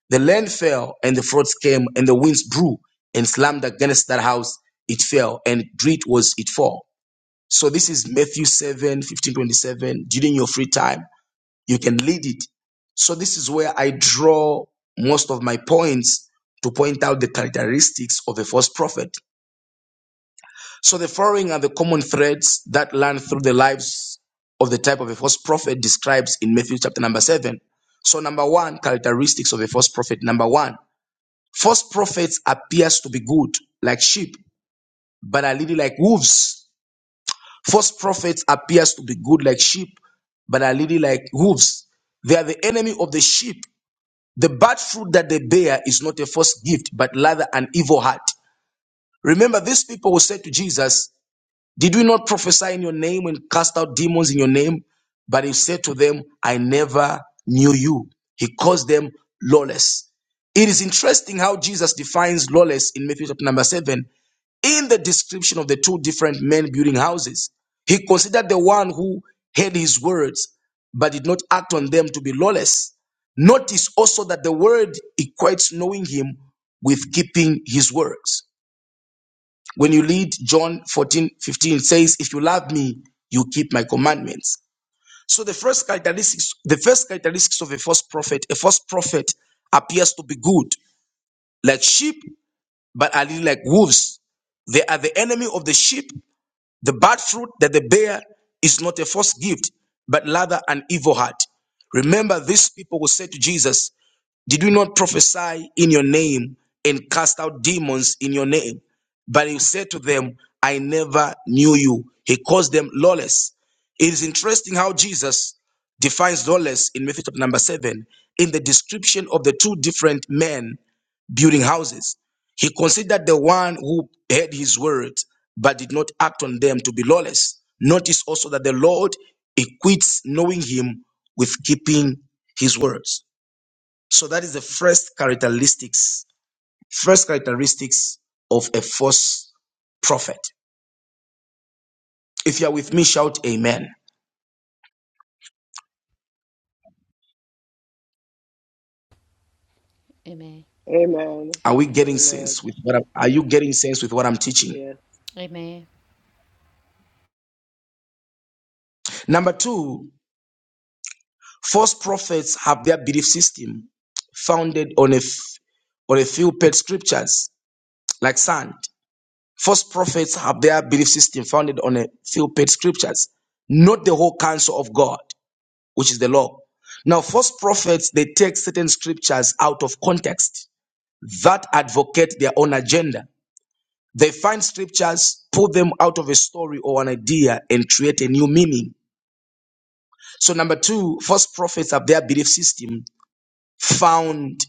A: The land fell, and the floods came, and the winds blew, and slammed against that house, it fell, and great was its fall. So this is Matthew 7 15 27. During your free time, you can lead it. So this is where I draw most of my points to point out the characteristics of a false prophet. So the following are the common threads that run through the lives of the type of a false prophet describes in Matthew chapter number 7. So number one, characteristics of a false prophet. Number one, false prophets appears to be good like sheep, but are leading like wolves False prophets appears to be good like sheep, but are really like wolves. They are the enemy of the sheep. The bad fruit that they bear is not a false gift, but rather an evil heart. Remember, these people who said to Jesus, Did we not prophesy in your name and cast out demons in your name? But he said to them, I never knew you. He calls them lawless. It is interesting how Jesus defines lawless in Matthew chapter number 7 in the description of the two different men building houses, he considered the one who heard his words but did not act on them to be lawless. Notice also that the word equates knowing him with keeping his words. When you read John 14 15, it says, If you love me, you keep my commandments. So the first characteristics, the first characteristics of a false prophet, a false prophet appears to be good, like sheep, but are little like wolves. They are the enemy of the sheep the bad fruit that they bear is not a false gift, but rather an evil heart. Remember, these people will say to Jesus, Did we not prophesy in your name and cast out demons in your name? But he said to them, I never knew you. He calls them lawless. It is interesting how Jesus defines lawless in Matthew chapter number seven in the description of the two different men building houses. He considered the one who heard his words but did not act on them to be lawless. Notice also that the Lord equates knowing him with keeping his words. So that is the first characteristics, first characteristics of a false prophet. If you are with me, shout amen.
E: Amen.
F: Amen.
A: Are we getting
F: Amen.
A: sense with what I'm, are you getting sense with what I'm teaching?
F: Yeah.
E: Amen.
A: Number two, False prophets have their belief system founded on a, f- on a few paid scriptures, like sand. False prophets have their belief system founded on a few paid scriptures, not the whole counsel of God, which is the law. Now, false prophets, they take certain scriptures out of context that advocate their own agenda. They find scriptures, pull them out of a story or an idea, and create a new meaning. So, number two, false prophets have their belief system found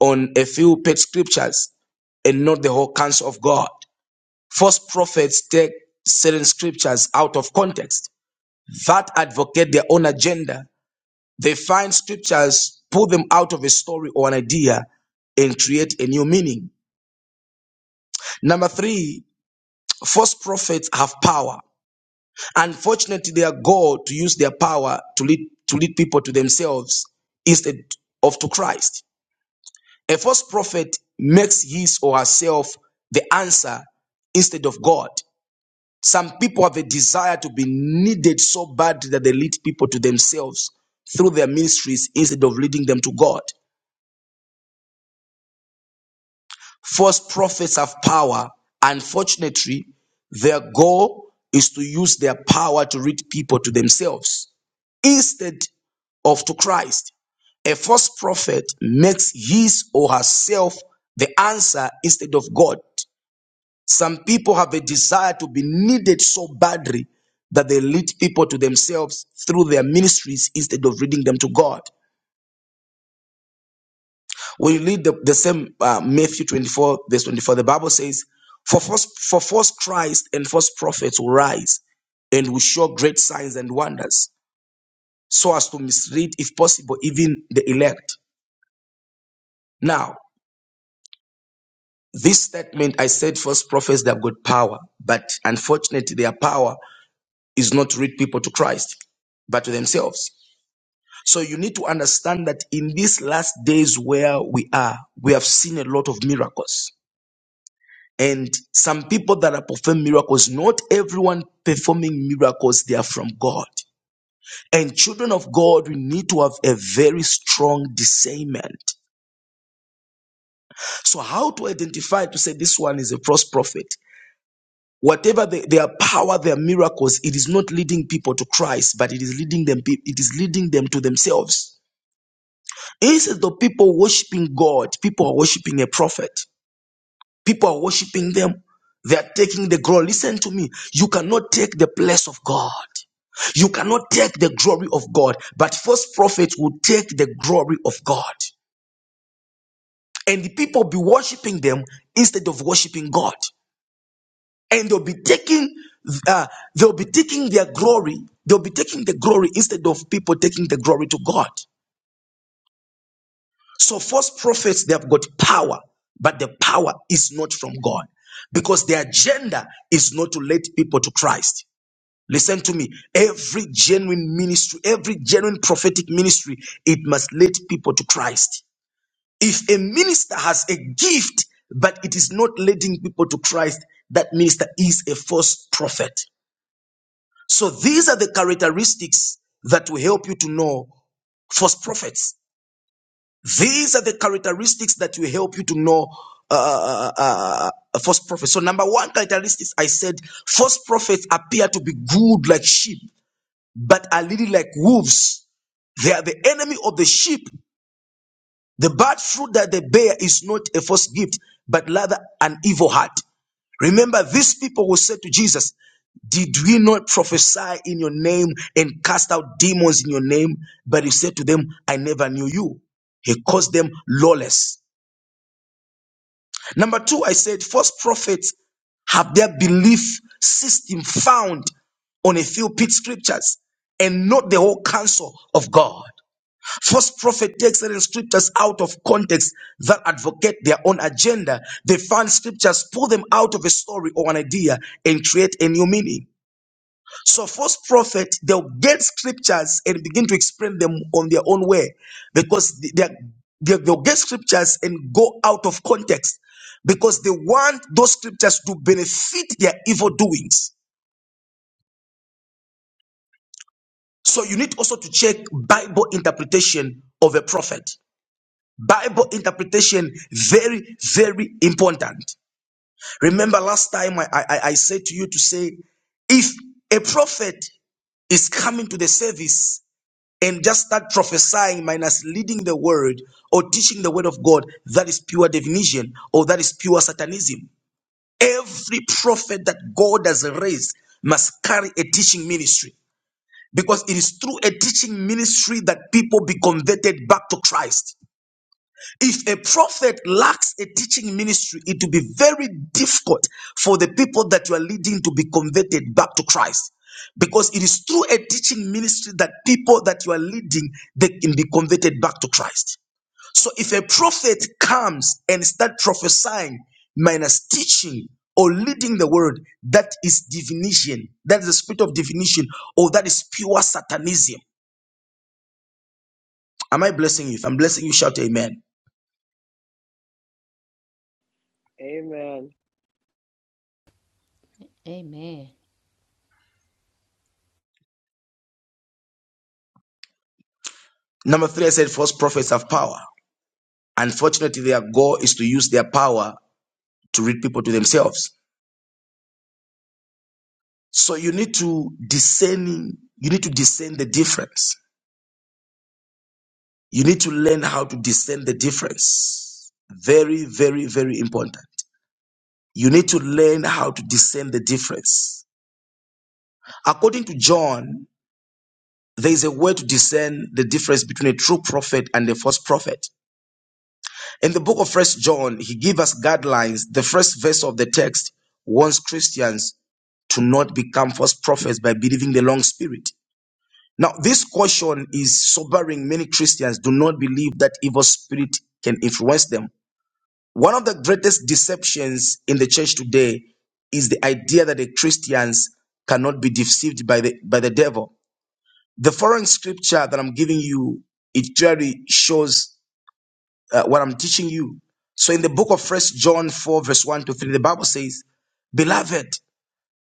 A: on a few pet scriptures and not the whole counsel of God. False prophets take certain scriptures out of context that advocate their own agenda. They find scriptures, pull them out of a story or an idea, and create a new meaning. Number three, false prophets have power. Unfortunately, their goal to use their power to lead to lead people to themselves instead of to Christ. A false prophet makes his or herself the answer instead of God. Some people have a desire to be needed so bad that they lead people to themselves through their ministries instead of leading them to God. False prophets have power. Unfortunately, their goal is to use their power to lead people to themselves instead of to Christ. A false prophet makes his or herself the answer instead of God. Some people have a desire to be needed so badly that they lead people to themselves through their ministries instead of leading them to God. When you read the, the same uh, Matthew 24, verse 24, the Bible says, for false, for false Christ and false prophets will rise and will show great signs and wonders so as to mislead, if possible, even the elect. Now, this statement I said false prophets they have got power, but unfortunately, their power is not to lead people to Christ, but to themselves. So you need to understand that in these last days where we are, we have seen a lot of miracles. And some people that are performing miracles, not everyone performing miracles, they are from God. And children of God, we need to have a very strong discernment. So, how to identify to say this one is a false prophet? Whatever the, their power, their miracles, it is not leading people to Christ, but it is leading them. It is leading them to themselves. Instead of people worshiping God, people are worshiping a prophet. People are worshiping them. They are taking the glory. Listen to me. You cannot take the place of God. You cannot take the glory of God. But false prophets will take the glory of God. And the people be worshiping them instead of worshiping God. And they'll be taking uh, they'll be taking their glory. They'll be taking the glory instead of people taking the glory to God. So false prophets, they have got power, but the power is not from God because their agenda is not to lead people to Christ. Listen to me. Every genuine ministry, every genuine prophetic ministry, it must lead people to Christ. If a minister has a gift, but it is not leading people to Christ, that minister is a false prophet. So these are the characteristics that will help you to know false prophets. These are the characteristics that will help you to know uh, uh, uh, uh, a false prophet. So, number one characteristics, I said, false prophets appear to be good like sheep, but are really like wolves. They are the enemy of the sheep. The bad fruit that they bear is not a false gift, but rather an evil heart. Remember, these people who said to Jesus, Did we not prophesy in your name and cast out demons in your name? But he said to them, I never knew you. He calls them lawless. Number two, I said, false prophets have their belief system found on a few pit scriptures and not the whole counsel of God. False prophet takes certain scriptures out of context that advocate their own agenda. They find scriptures, pull them out of a story or an idea, and create a new meaning. So false prophets, they'll get scriptures and begin to explain them on their own way because they, they, they'll get scriptures and go out of context because they want those scriptures to benefit their evil doings. So you need also to check Bible interpretation of a prophet. Bible interpretation, very, very important. Remember last time I, I, I said to you to say, if a prophet is coming to the service and just start prophesying minus leading the word or teaching the word of God, that is pure divination or that is pure satanism. Every prophet that God has raised must carry a teaching ministry because it is through a teaching ministry that people be converted back to Christ. If a prophet lacks a teaching ministry, it will be very difficult for the people that you are leading to be converted back to Christ. Because it is through a teaching ministry that people that you are leading they can be converted back to Christ. So if a prophet comes and start prophesying minus teaching or leading the word, that is divination. That is the spirit of divination, or that is pure satanism. Am I blessing you? If I'm blessing you, shout amen.
F: Amen.
E: Amen.
A: Number three, I said false prophets have power. Unfortunately, their goal is to use their power to lead people to themselves. So you need to discerning, you need to discern the difference. You need to learn how to discern the difference. Very, very, very important. You need to learn how to discern the difference. According to John, there is a way to discern the difference between a true prophet and a false prophet. In the book of First John, he gives us guidelines. The first verse of the text warns Christians to not become false prophets by believing the wrong spirit. Now, this caution is sobering. Many Christians do not believe that evil spirit can influence them. One of the greatest deceptions in the church today is the idea that the Christians cannot be deceived by the by the devil. The foreign scripture that I'm giving you, it clearly shows uh, what I'm teaching you. So in the book of First John 4, verse 1 to 3, the Bible says, Beloved,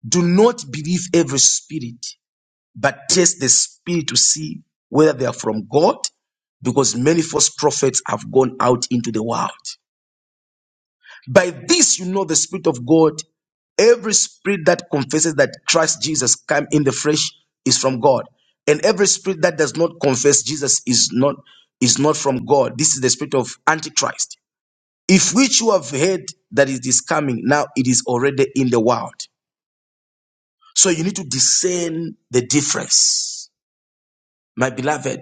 A: do not believe every spirit, but test the spirit to see whether they are from God, because many false prophets have gone out into the world. By this you know the spirit of God. Every spirit that confesses that Christ Jesus came in the flesh is from God. And every spirit that does not confess Jesus is not is not from God. This is the spirit of Antichrist. If which you have heard that it is coming, now it is already in the world. So you need to discern the difference. My beloved,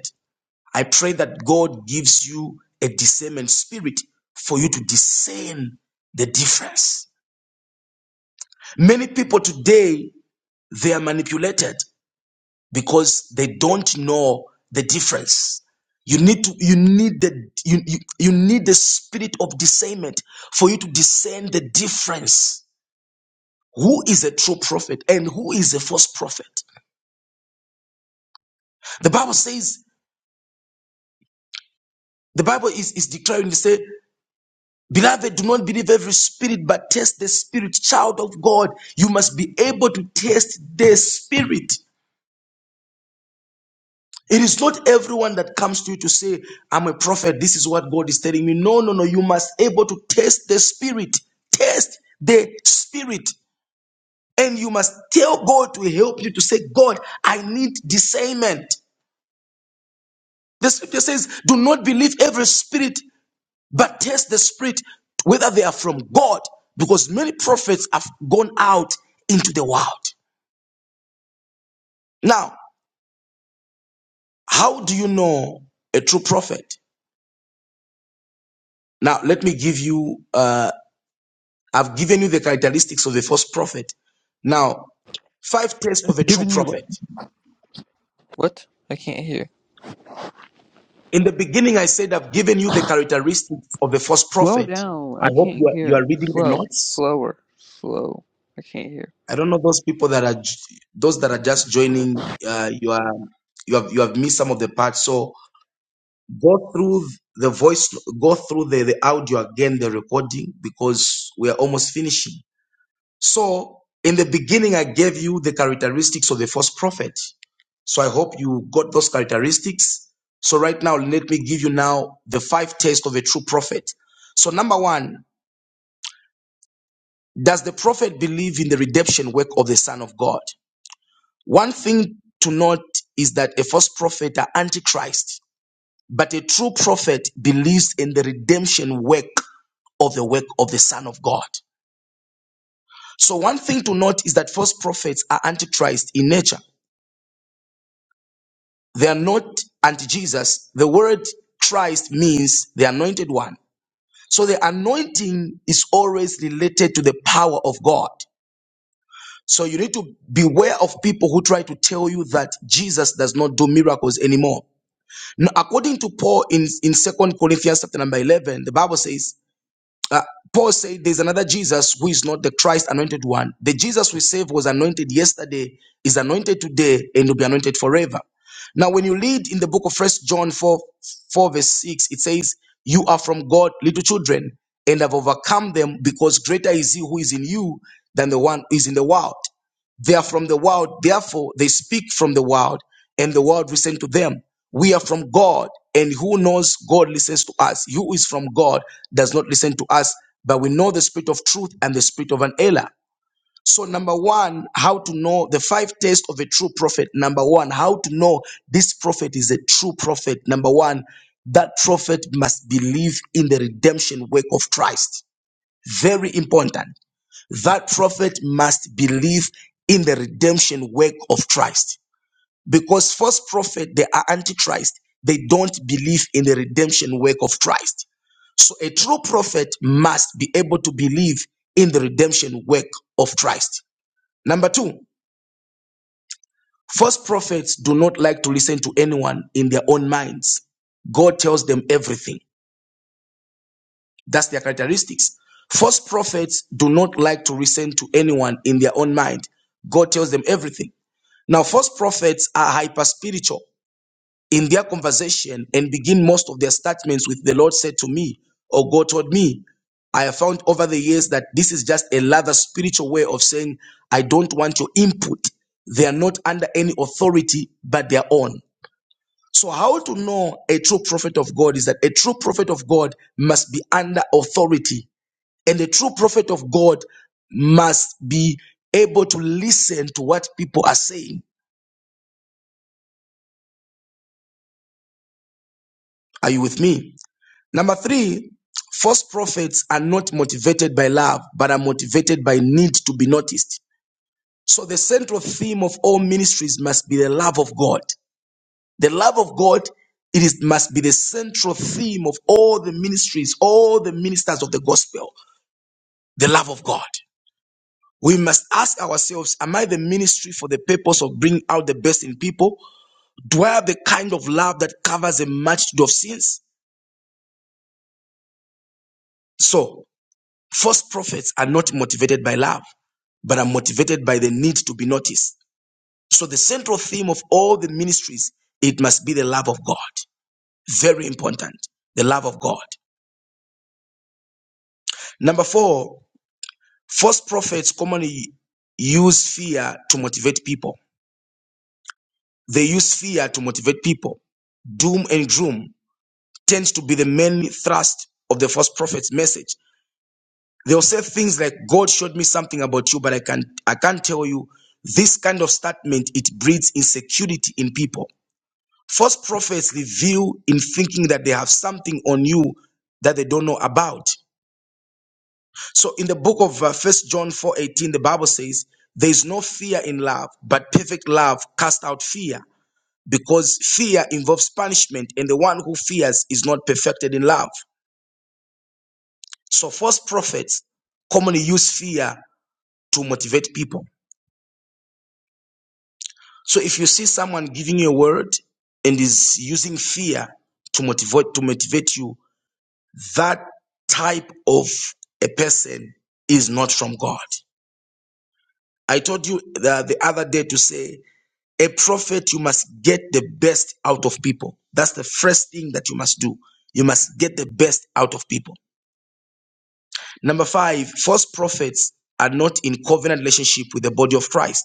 A: I pray that God gives you a discernment spirit for you to discern the difference. Many people today, they are manipulated because they don't know the difference. You need to, you need the, you, you, you need the spirit of discernment for you to discern the difference who is a true prophet and who is a false prophet. The Bible says, the Bible is, is declaring, they say, Beloved, do not believe every spirit, but test the spirit. Child of God, you must be able to test the spirit. It is not everyone that comes to you to say, I'm a prophet, this is what God is telling me. No, no, no. You must able to test the spirit. Test the spirit. And you must tell God to help you to say, God, I need discernment. The scripture says, Do not believe every spirit, but test the spirit whether they are from God, because many prophets have gone out into the world. Now, how do you know a true prophet? Now, let me give you, uh, I've given you the characteristics of the false prophet. Now, five tests of
G: I've
A: a true
G: given you
A: prophet.
G: What? I can't hear.
A: In the beginning, I said I've given you the characteristics of the false
G: Slow
A: prophet.
G: down. I
A: I hope you
G: can't
A: are, you
G: hear.
A: are reading the
G: Slow.
A: notes.
G: Slower. Slow. I can't hear.
A: I don't know those people that are those that are just joining. Uh, you are you have you have missed some of the parts. So go through the voice go through the, the audio again the recording because we are almost finishing so in the beginning i gave you the characteristics of the false prophet so i hope you got those characteristics so right now let me give you now the five tests of a true prophet so number one does the prophet believe in the redemption work of the son of god one thing to note is that a false prophet are antichrist but a true prophet believes in the redemption work of the work of the Son of God. So, one thing to note is that false prophets are antichrist in nature. They are not anti Jesus. The word Christ means the anointed one. So, the anointing is always related to the power of God. So, you need to beware of people who try to tell you that Jesus does not do miracles anymore. Now, according to Paul in, in Second Corinthians chapter number 11, the Bible says, Uh, Paul said there's another Jesus who is not the Christ anointed one. The Jesus we saved was anointed yesterday, is anointed today, and will be anointed forever. Now, when you read in the book of First John 4, 4, verse 6, it says, You are from God, little children, and have overcome them because greater is he who is in you than the one who is in the world. They are from the world, therefore they speak from the world, and the world listens to them. We are from God, and who knows God listens to us. He Who is from God does not listen to us, but we know the spirit of truth and the spirit of an error. So, number one, how to know the five tests of a true prophet. Number one, how to know this prophet is a true prophet. Number one, that prophet must believe in the redemption work of Christ. Very important that prophet must believe in the redemption work of Christ. Because false prophet, they are antichrist. They don't believe in the redemption work of Christ. So a true prophet must be able to believe in the redemption work of Christ. Number two, false prophets do not like to listen to anyone in their own minds. God tells them everything. That's their characteristics. False prophets do not like to listen to anyone in their own mind. God tells them everything. Now, false prophets are hyper spiritual in their conversation and begin most of their statements with the Lord said to me or God told me. I have found over the years that this is just another spiritual way of saying, I don't want your input. They are not under any authority but their own. So, how to know a true prophet of God is that a true prophet of God must be under authority, and a true prophet of God must be able to listen to what people are saying. Are you with me? Number three, false prophets are not motivated by love, but are motivated by need to be noticed. So the central theme of all ministries must be the love of God. The love of God it is, must be the central theme of all the ministries, all the ministers of the gospel, the love of God. We must ask ourselves, am I the ministry for the purpose of bringing out the best in people? Do I have the kind of love that covers a multitude of sins? So. False prophets are not motivated by love, but are motivated by the need to be noticed. So the central theme of all the ministries, it must be the love of God. Very important. The love of God. Number four, false prophets commonly use fear to motivate people. They use fear to motivate people. Doom and gloom tends to be the main thrust of the false prophet's message. They'll say things like, God showed me something about you, but I can't, I can't tell you. This kind of statement, it breeds insecurity in people. False prophets reveal in thinking that they have something on you that they don't know about. So in the book of uh, First John 4 18, the Bible says, There is no fear in love, but perfect love casts out fear, because fear involves punishment, and the one who fears is not perfected in love. So false prophets commonly use fear to motivate people. So if you see someone giving you a word and is using fear to motivate to motivate you, that type of a person is not from God. I told you the, the other day to say a prophet you must get the best out of people. That's the first thing that you must do. You must get the best out of people. Number 5, false prophets are not in covenant relationship with the body of Christ.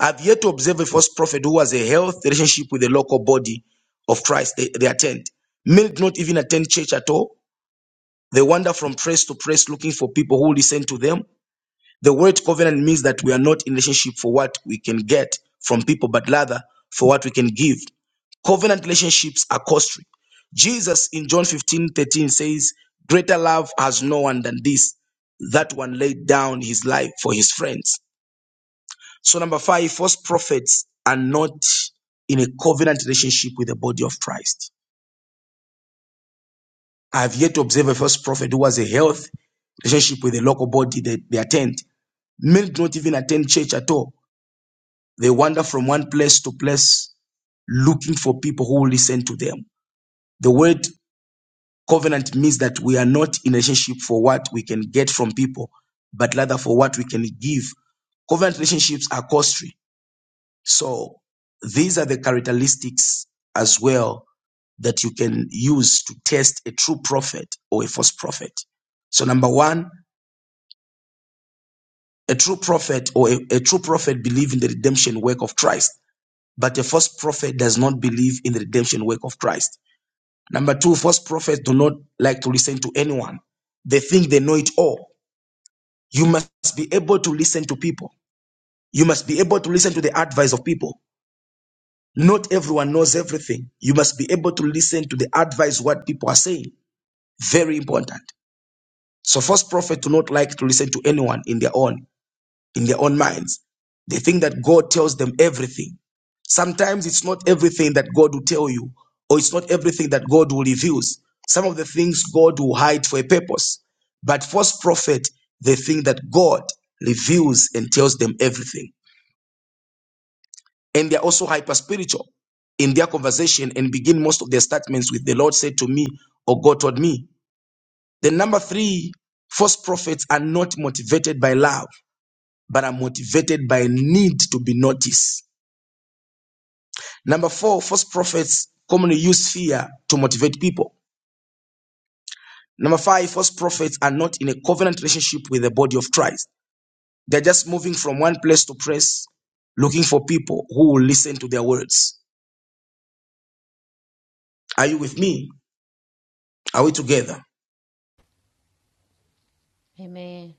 A: I've yet to observe a false prophet who has a health relationship with the local body of Christ they, they attend. Many do not even attend church at all. They wander from press to press looking for people who listen to them. The word covenant means that we are not in relationship for what we can get from people, but rather for what we can give. Covenant relationships are costly. Jesus in John 15 13 says, Greater love has no one than this, that one laid down his life for his friends. So number five, false prophets are not in a covenant relationship with the body of Christ. I have yet to observe a false prophet who has a health relationship with the local body they, they attend. Many do not even attend church at all. They wander from one place to place looking for people who will listen to them. The word covenant means that we are not in a relationship for what we can get from people, but rather for what we can give. Covenant relationships are costly. So these are the characteristics as well that you can use to test a true prophet or a false prophet. So, number one, a true prophet or a, a true prophet believes in the redemption work of Christ, but a false prophet does not believe in the redemption work of Christ. Number two, false prophets do not like to listen to anyone. They think they know it all. You must be able to listen to people. You must be able to listen to the advice of people. Not everyone knows everything. You must be able to listen to the advice what people are saying. Very important. So false prophets do not like to listen to anyone in their own, in their own minds. They think that God tells them everything. Sometimes it's not everything that God will tell you, or it's not everything that God will reveals. Some of the things God will hide for a purpose. But false prophet, they think that God reveals and tells them everything. And they're also hyper spiritual in their conversation and begin most of their statements with the Lord said to me or God told me. Then number three, false prophets are not motivated by love. but are motivated by a need to be noticed. Number four, false prophets commonly use fear to motivate people. Number five, false prophets are not in a covenant relationship with the body of Christ. They're just moving from one place to place, looking for people who will listen to their words. Are you with me? Are we together?
E: Amen.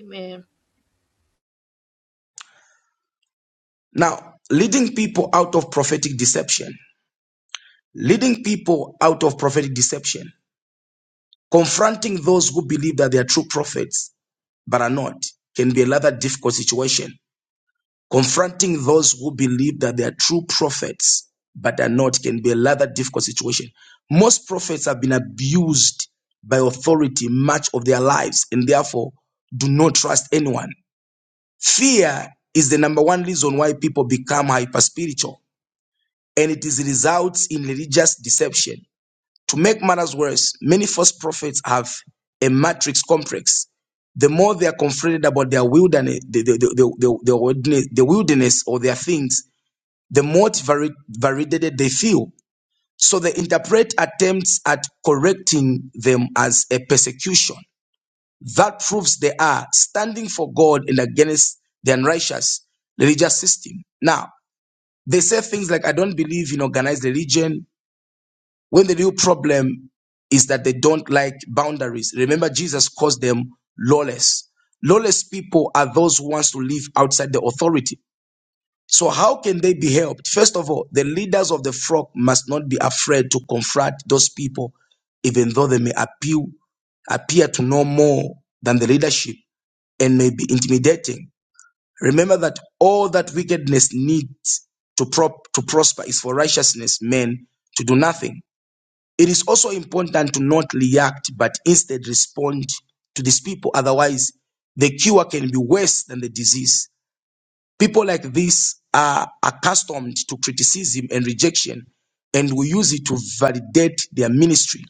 B: Amen.
A: Now, leading people out of prophetic deception, leading people out of prophetic deception, confronting those who believe that they are true prophets but are not, can be a rather difficult situation Confronting those who believe that they are true prophets but are not can be a rather difficult situation. Most prophets have been abused by authority much of their lives and therefore do not trust anyone. Fear is the number one reason why people become hyper spiritual and it is results in religious deception. To make matters worse, many false prophets have a matrix complex the more they are confronted about their wilderness, the, the, the, the, the, the wilderness or their things, the more vari- validated they feel. So they interpret attempts at correcting them as a persecution. That proves they are standing for God and against the unrighteous religious system. Now, they say things like, I don't believe in organized religion, when the real problem is that they don't like boundaries. Remember, Jesus calls them lawless. Lawless people are those who wants to live outside the authority. So, how can they be helped? First of all, the leaders of the flock must not be afraid to confront those people, even though they may appeal, appear to know more than the leadership and may be intimidating. Remember that all that wickedness needs to, prop, to prosper is for righteousness men to do nothing. It is also important to not react but instead respond to these people, otherwise, the cure can be worse than the disease. People like this are accustomed to criticism and rejection and will use it to validate their ministry.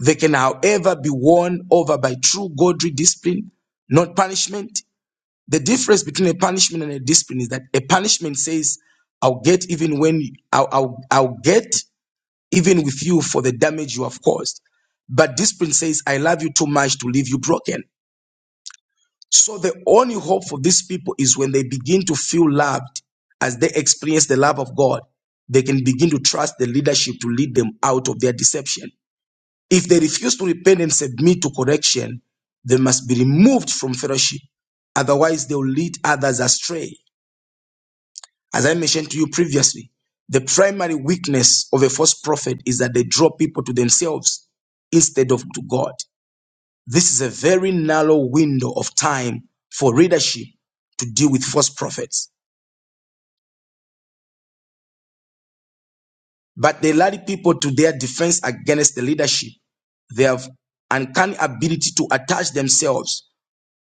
A: They can, however, be won over by true godly discipline, not punishment. The difference between a punishment and a discipline is that a punishment says, I'll get even when I'll, I'll, I'll get even with you for the damage you have caused. But discipline says, I love you too much to leave you broken. So the only hope for these people is when they begin to feel loved as they experience the love of God, they can begin to trust the leadership to lead them out of their deception. If they refuse to repent and submit to correction, they must be removed from fellowship. Otherwise, they'll lead others astray. As I mentioned to you previously, the primary weakness of a false prophet is that they draw people to themselves instead of to God. This is a very narrow window of time for leadership to deal with false prophets. But they led people to their defense against the leadership. They have uncanny ability to attach themselves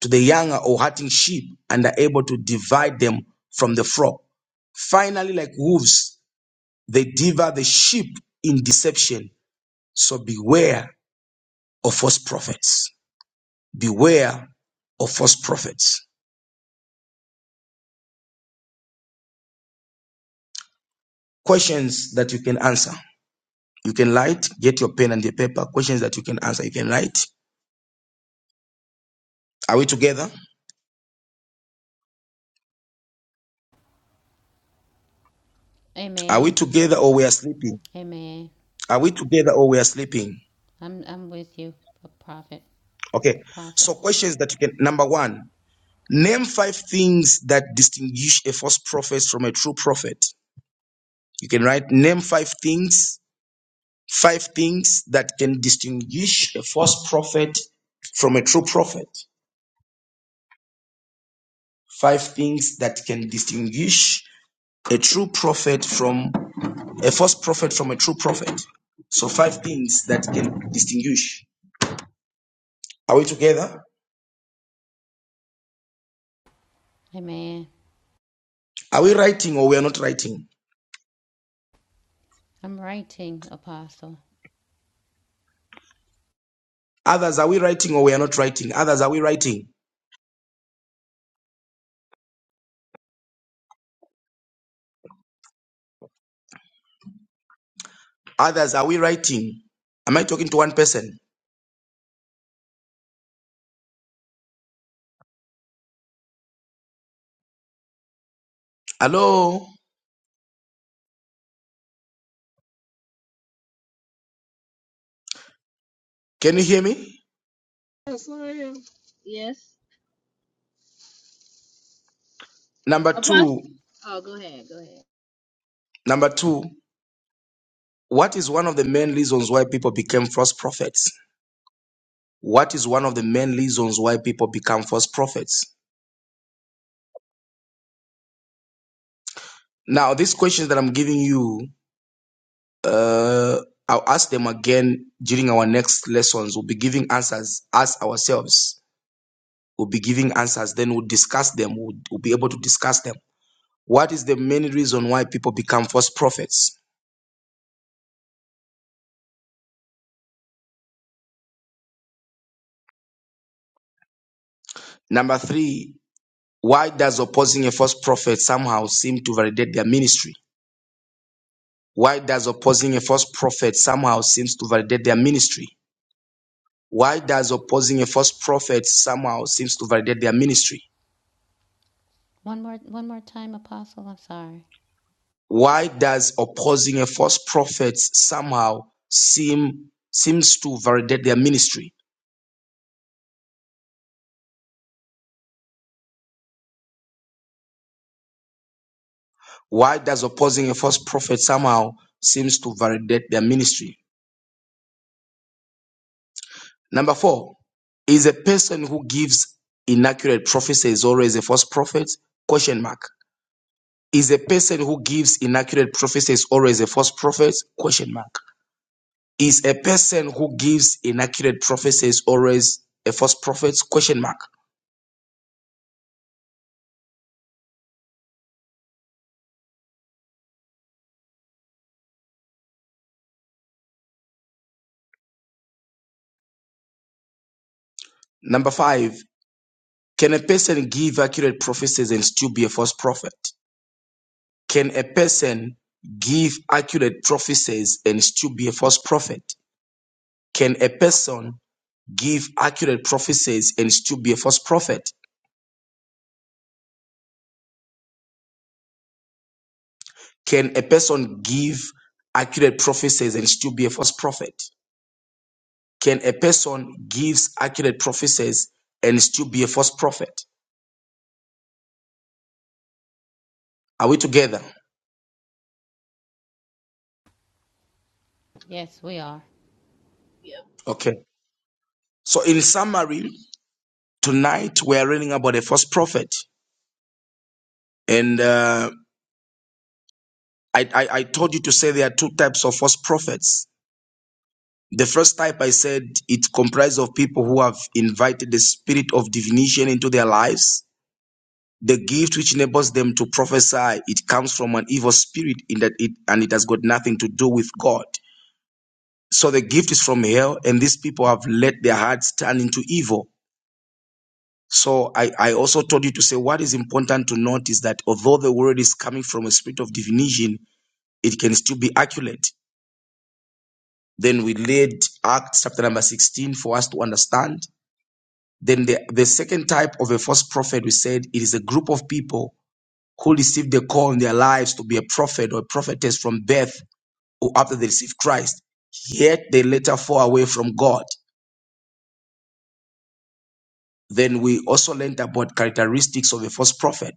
A: to the younger or hurting sheep and are able to divide them from the flock. Finally, like wolves, they devour the sheep in deception. So beware of false prophets. Beware of false prophets. Questions that you can answer. You can write, get your pen and the paper, questions that you can answer. You can write. Are we together? Are we
E: Amen.
A: together or we are sleeping?
E: Amen.
A: Are we together or we are sleeping?
E: I'm I'm with you, a prophet,
A: Okay.
E: apostle.
A: So questions that you can number one, name five things that distinguish a false prophet from a true prophet. You can write name five things, five things that can distinguish a false prophet from a true prophet. Five things that can distinguish a true prophet from a false prophet from a true prophet. So five things that can distinguish. Are we together?
E: Amen.
A: Are we writing or we are not writing?
E: I'm writing, apostle.
A: Others are we writing or we are not writing? Others are we writing? Others are we writing? Am I talking to one person? Hello? Can you hear me?
B: Yes, I am. Yes.
A: Number two,
B: Apostle. Oh, go ahead. Go ahead.
A: number two, what is one of the main reasons why people became false prophets? What is one of the main reasons why people become false prophets? Now, these questions that I'm giving you Uh, I'll ask them again during our next lessons. We'll be giving answers as ourselves. We'll be giving answers. Then we'll discuss them. We'll, we'll be able to discuss them. What is the main reason why people become false prophets? Number three, why does opposing a false prophet somehow seem to validate their ministry? Why does opposing a false prophet somehow seems to validate their ministry? Why does opposing a false prophet somehow seems to validate their ministry?
E: One more one more time, apostle. I'm sorry.
A: Why does opposing a false prophet somehow seem seems to validate their ministry? Why does opposing a false prophet somehow seems to validate their ministry? Number four, is a person who gives inaccurate prophecies always a false prophet? Question mark. Is a person who gives inaccurate prophecies always a false prophet? Question mark. Is a person who gives inaccurate prophecies always a false prophet? Question mark. Number five. Can a person give accurate prophecies and still be a false prophet? Can a person give accurate prophecies and still be a false prophet? Can a person give accurate prophecies and still be a false prophet? Can a person give accurate prophecies and still be a false prophet? Can a person gives accurate prophecies and still be a false prophet? Are we together?
E: Yes, we are.
B: Yeah.
A: Okay. So in summary, tonight we are reading about a false prophet, and uh, I, I, I told you to say there are two types of false prophets. The first type I said it comprised of people who have invited the spirit of divination into their lives. The gift which enables them to prophesy, it comes from an evil spirit in that it and it has got nothing to do with God. So the gift is from hell, and these people have let their hearts turn into evil. So I, I also told you to say what is important to note is that although the word is coming from a spirit of divination, it can still be accurate. Then we read Acts chapter number 16 for us to understand. Then the, the second type of a false prophet, we said it is a group of people who receive the call in their lives to be a prophet or a prophetess from birth or after they receive Christ, yet they later fall away from God. Then we also learned about characteristics of a false prophet.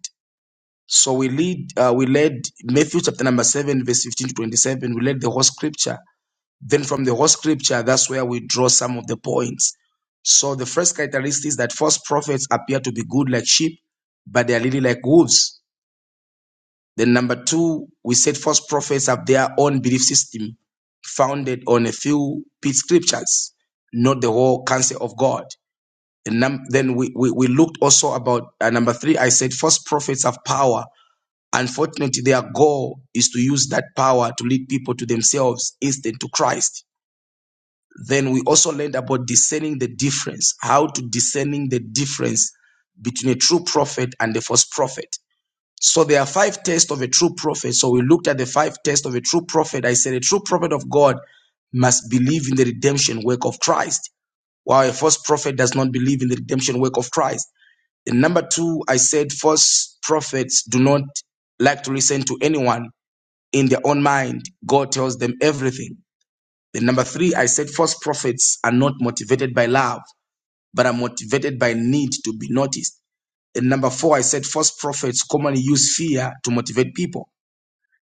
A: So we lead, uh, we led Matthew chapter number seven, verse fifteen to twenty-seven. We led the whole scripture Then from the whole scripture, that's where we draw some of the points. So the first characteristic is that false prophets appear to be good like sheep, but they are really like wolves. Then number two, we said false prophets have their own belief system founded on a few pit scriptures, not the whole counsel of God. And num- then we, we, we looked also about uh, number three. I said false prophets have power. Unfortunately, their goal is to use that power to lead people to themselves instead to Christ. Then we also learned about discerning the difference, how to discerning the difference between a true prophet and a false prophet. So there are five tests of a true prophet. So we looked at the five tests of a true prophet. I said a true prophet of God must believe in the redemption work of Christ, while a false prophet does not believe in the redemption work of Christ. And number two, I said false prophets do not like to listen to anyone in their own mind. God tells them everything. Then number three, I said false prophets are not motivated by love, but are motivated by need to be noticed. Then number four, I said false prophets commonly use fear to motivate people.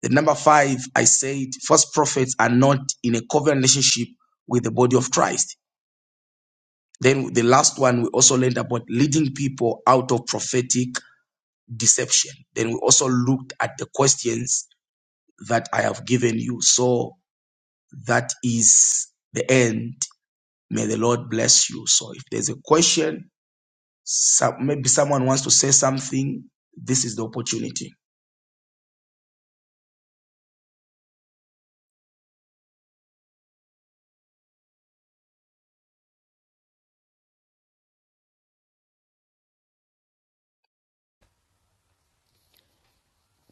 A: Then number five, I said false prophets are not in a covenant relationship with the body of Christ. Then the last one, we also learned about leading people out of prophetic deception. Then we also looked at the questions that I have given you. So that is the end May the Lord bless you. So if there's a question, some, maybe someone wants to say something, this is the opportunity.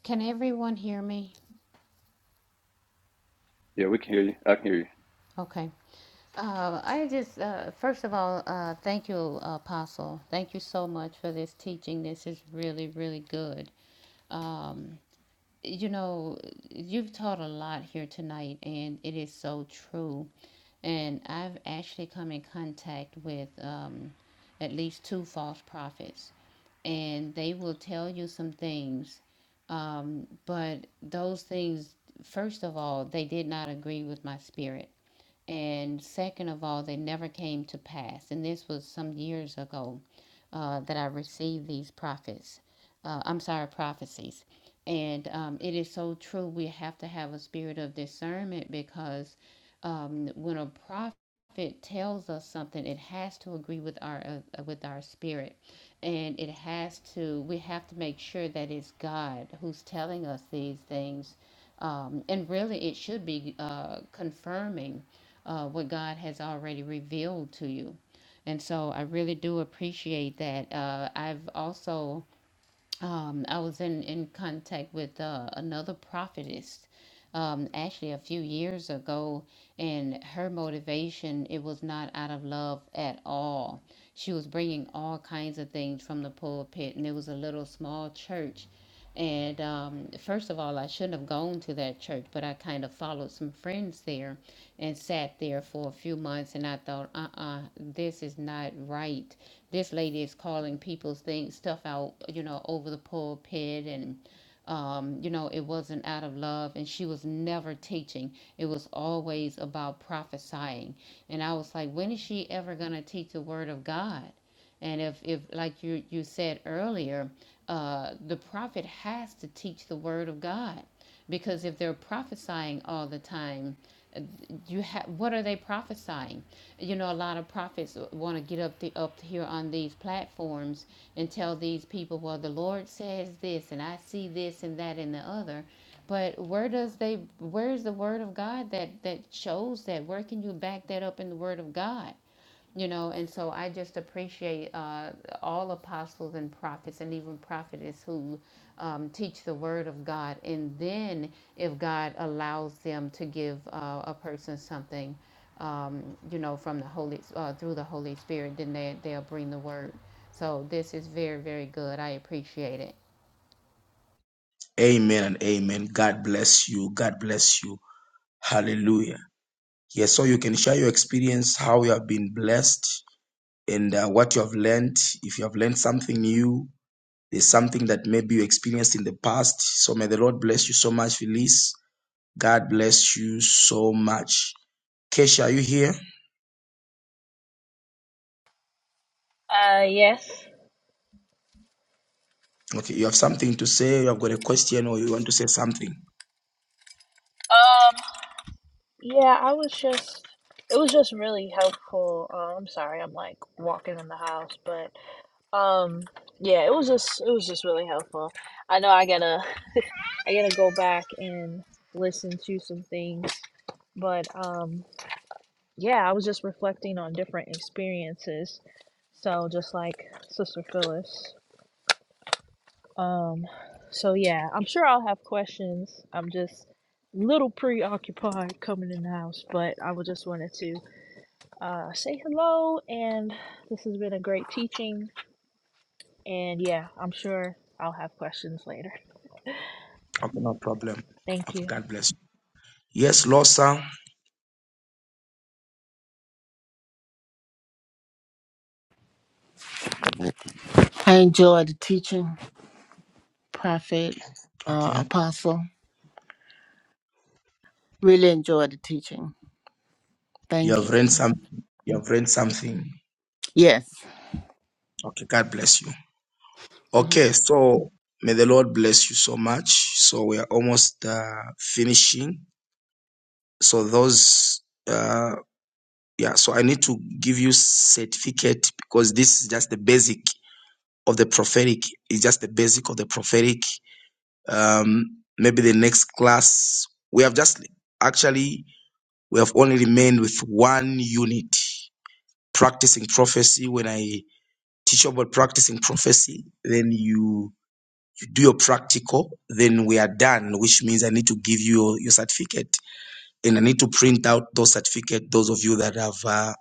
E: Can everyone hear me?
C: Yeah, we can hear you. I can hear you.
E: Okay. Uh, I just uh, first of all, uh, thank you, apostle. Thank you so much for this teaching. This is really really good. Um, you know, you've taught a lot here tonight, and it is so true. And I've actually come in contact with um, at least two false prophets, and they will tell you some things. Um, but those things, first of all, they did not agree with my spirit and second of all, they never came to pass. And this was some years ago uh, that I received these prophets. Uh, I'm sorry, prophecies. And um, it is so true. We have to have a spirit of discernment because um, when a prophet tells us something, it has to agree with our uh, with our spirit, and it has to. We have to make sure that it's God who's telling us these things, um, and really, it should be uh, confirming uh, what God has already revealed to you. And so I really do appreciate that. Uh, I've also um, I was in, in contact with uh, another prophetess um, actually a few years ago, and her motivation it was not out of love at all. She was bringing all kinds of things from the pulpit, and it was a little small church. And um, first of all, I shouldn't have gone to that church, but I kind of followed some friends there and sat there for a few months. And I thought, uh uh this is not right this lady is calling people's things stuff out, you know, over the pulpit and um, you know, it wasn't out of love and she was never teaching. It was always about prophesying. And I was like, when is she ever gonna teach the word of God? And if, if like you you said earlier, uh, the prophet has to teach the word of God because if they're prophesying all the time, uh, you have what are they prophesying? you know a lot of prophets want to get up the up here on these platforms and tell these people well the lord says this and i see this and that and the other but where does they where is the word of God that that shows that? Where can you back that up in the word of God? You know, and so I just appreciate uh, all apostles and prophets and even prophetess who um, teach the word of God. And then, if God allows them to give uh, a person something, um, you know, from the Holy uh, through the Holy Spirit, then they they'll bring the word. So this is very very good. I appreciate it.
A: Amen and amen. God bless you. God bless you. Hallelujah. Yes, so you can share your experience, how you have been blessed, and uh, what you have learned. If you have learned something new, there's something that maybe you experienced in the past. So may the Lord bless you so much, Felice. God bless you so much. Kesha, are you here?
B: Uh, yes.
A: Okay, you have something to say, you have got a question, or you want to say something.
B: Um, yeah, I was just, it was just really helpful. Uh, I'm sorry, I'm like walking in the house, but um, yeah, it was just, it was just really helpful. I know I gotta. I gotta go back and listen to some things. But um, yeah, I was just reflecting on different experiences. So like, so, so- um, so yeah, I'm sure I'll have questions. I'm just a little preoccupied coming in the house, but I was just wanted to uh, say hello. And this has been a great teaching. And yeah, I'm sure I'll have questions later.
A: Okay, no problem.
B: Thank you.
A: Okay, God bless you. Yes, Losa.
D: I enjoy the teaching, prophet, uh,
A: Okay.
D: apostle. Really enjoy the teaching.
A: You
D: Thank you.
A: have read some you have read something.
D: Yes.
A: Okay, God bless you.
D: Mm-hmm.
A: Okay, so may the Lord bless you so much. So we are almost uh, finishing. So those uh yeah, so I need to give you certificate because this is just the basic of the prophetic. It's just the basic of the prophetic um, maybe the next class. We have just actually we have only remained with one unit practicing prophecy. When I teach about practicing prophecy, then you you do your practical, then we are done, which means I need to give you your, your certificate and I need to print out those certificates, those of you that have uh,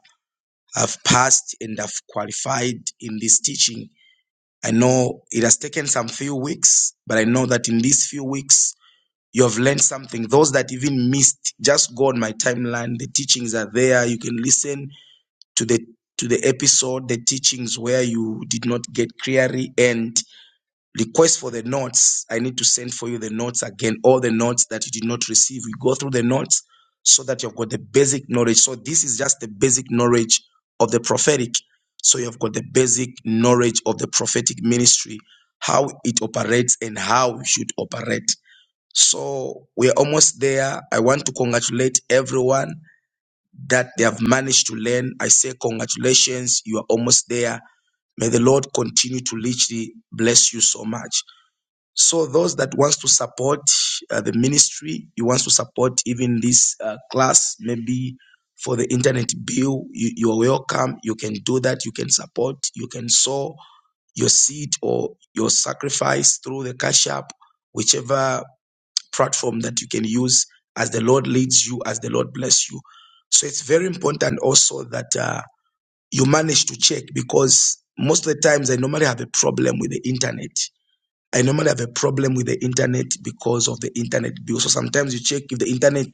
A: have passed and have qualified in this teaching. I know it has taken some few weeks, but I know that in these few weeks you have learned something. Those that even missed, just go on my timeline. The teachings are there. You can listen to the to the episode, the teachings where you did not get clearly and request for the notes. I need to send for you the notes again, all the notes that you did not receive. We go through the notes so that you've got the basic knowledge. So this is just the basic knowledge of the prophetic. So you've got the basic knowledge of the prophetic ministry, how it operates and how you should operate. So we are almost there. I want to congratulate everyone that they have managed to learn. I say congratulations, you are almost there. May the Lord continue to richly bless you so much. So those that wants to support uh, the ministry, you wants to support even this uh, class, maybe for the internet bill, you, you are welcome. You can do that. You can support. You can sow your seed or your sacrifice through the cash app, whichever platform that you can use as the Lord leads you, as the Lord bless you. So it's very important also that uh, you manage to check because most of the times I normally have a problem with the internet. I normally have a problem with the internet because of the internet bill. So sometimes you check if the internet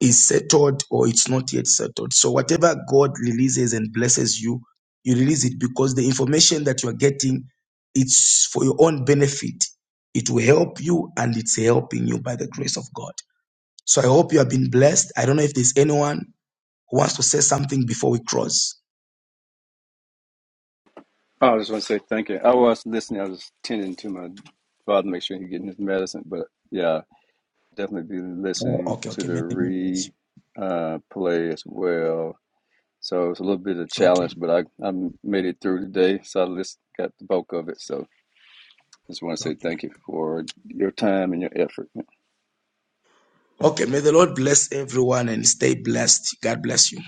A: is settled or it's not yet settled. So whatever God releases and blesses you, you release it because the information that you are getting, it's for your own benefit. It will help you and it's helping you by the grace of God. So I hope you have been blessed. I don't know if there's anyone who wants to say something before we cross.
C: Oh, I just want to say thank you. I was listening. I was tending to my father, make sure he's getting his medicine. But yeah, definitely be
A: Oh,
C: listening
A: okay,
C: to
A: okay.
C: the
A: May the Lord bless
C: re
A: you.
C: uh, play as well. So it's a little bit of a
A: Okay,
C: challenge, but I I made it through today. So I just got the bulk of it. So just want to say
A: okay.
C: thank you for your time and your effort.
A: Okay, may the Lord bless everyone and stay blessed. God bless you.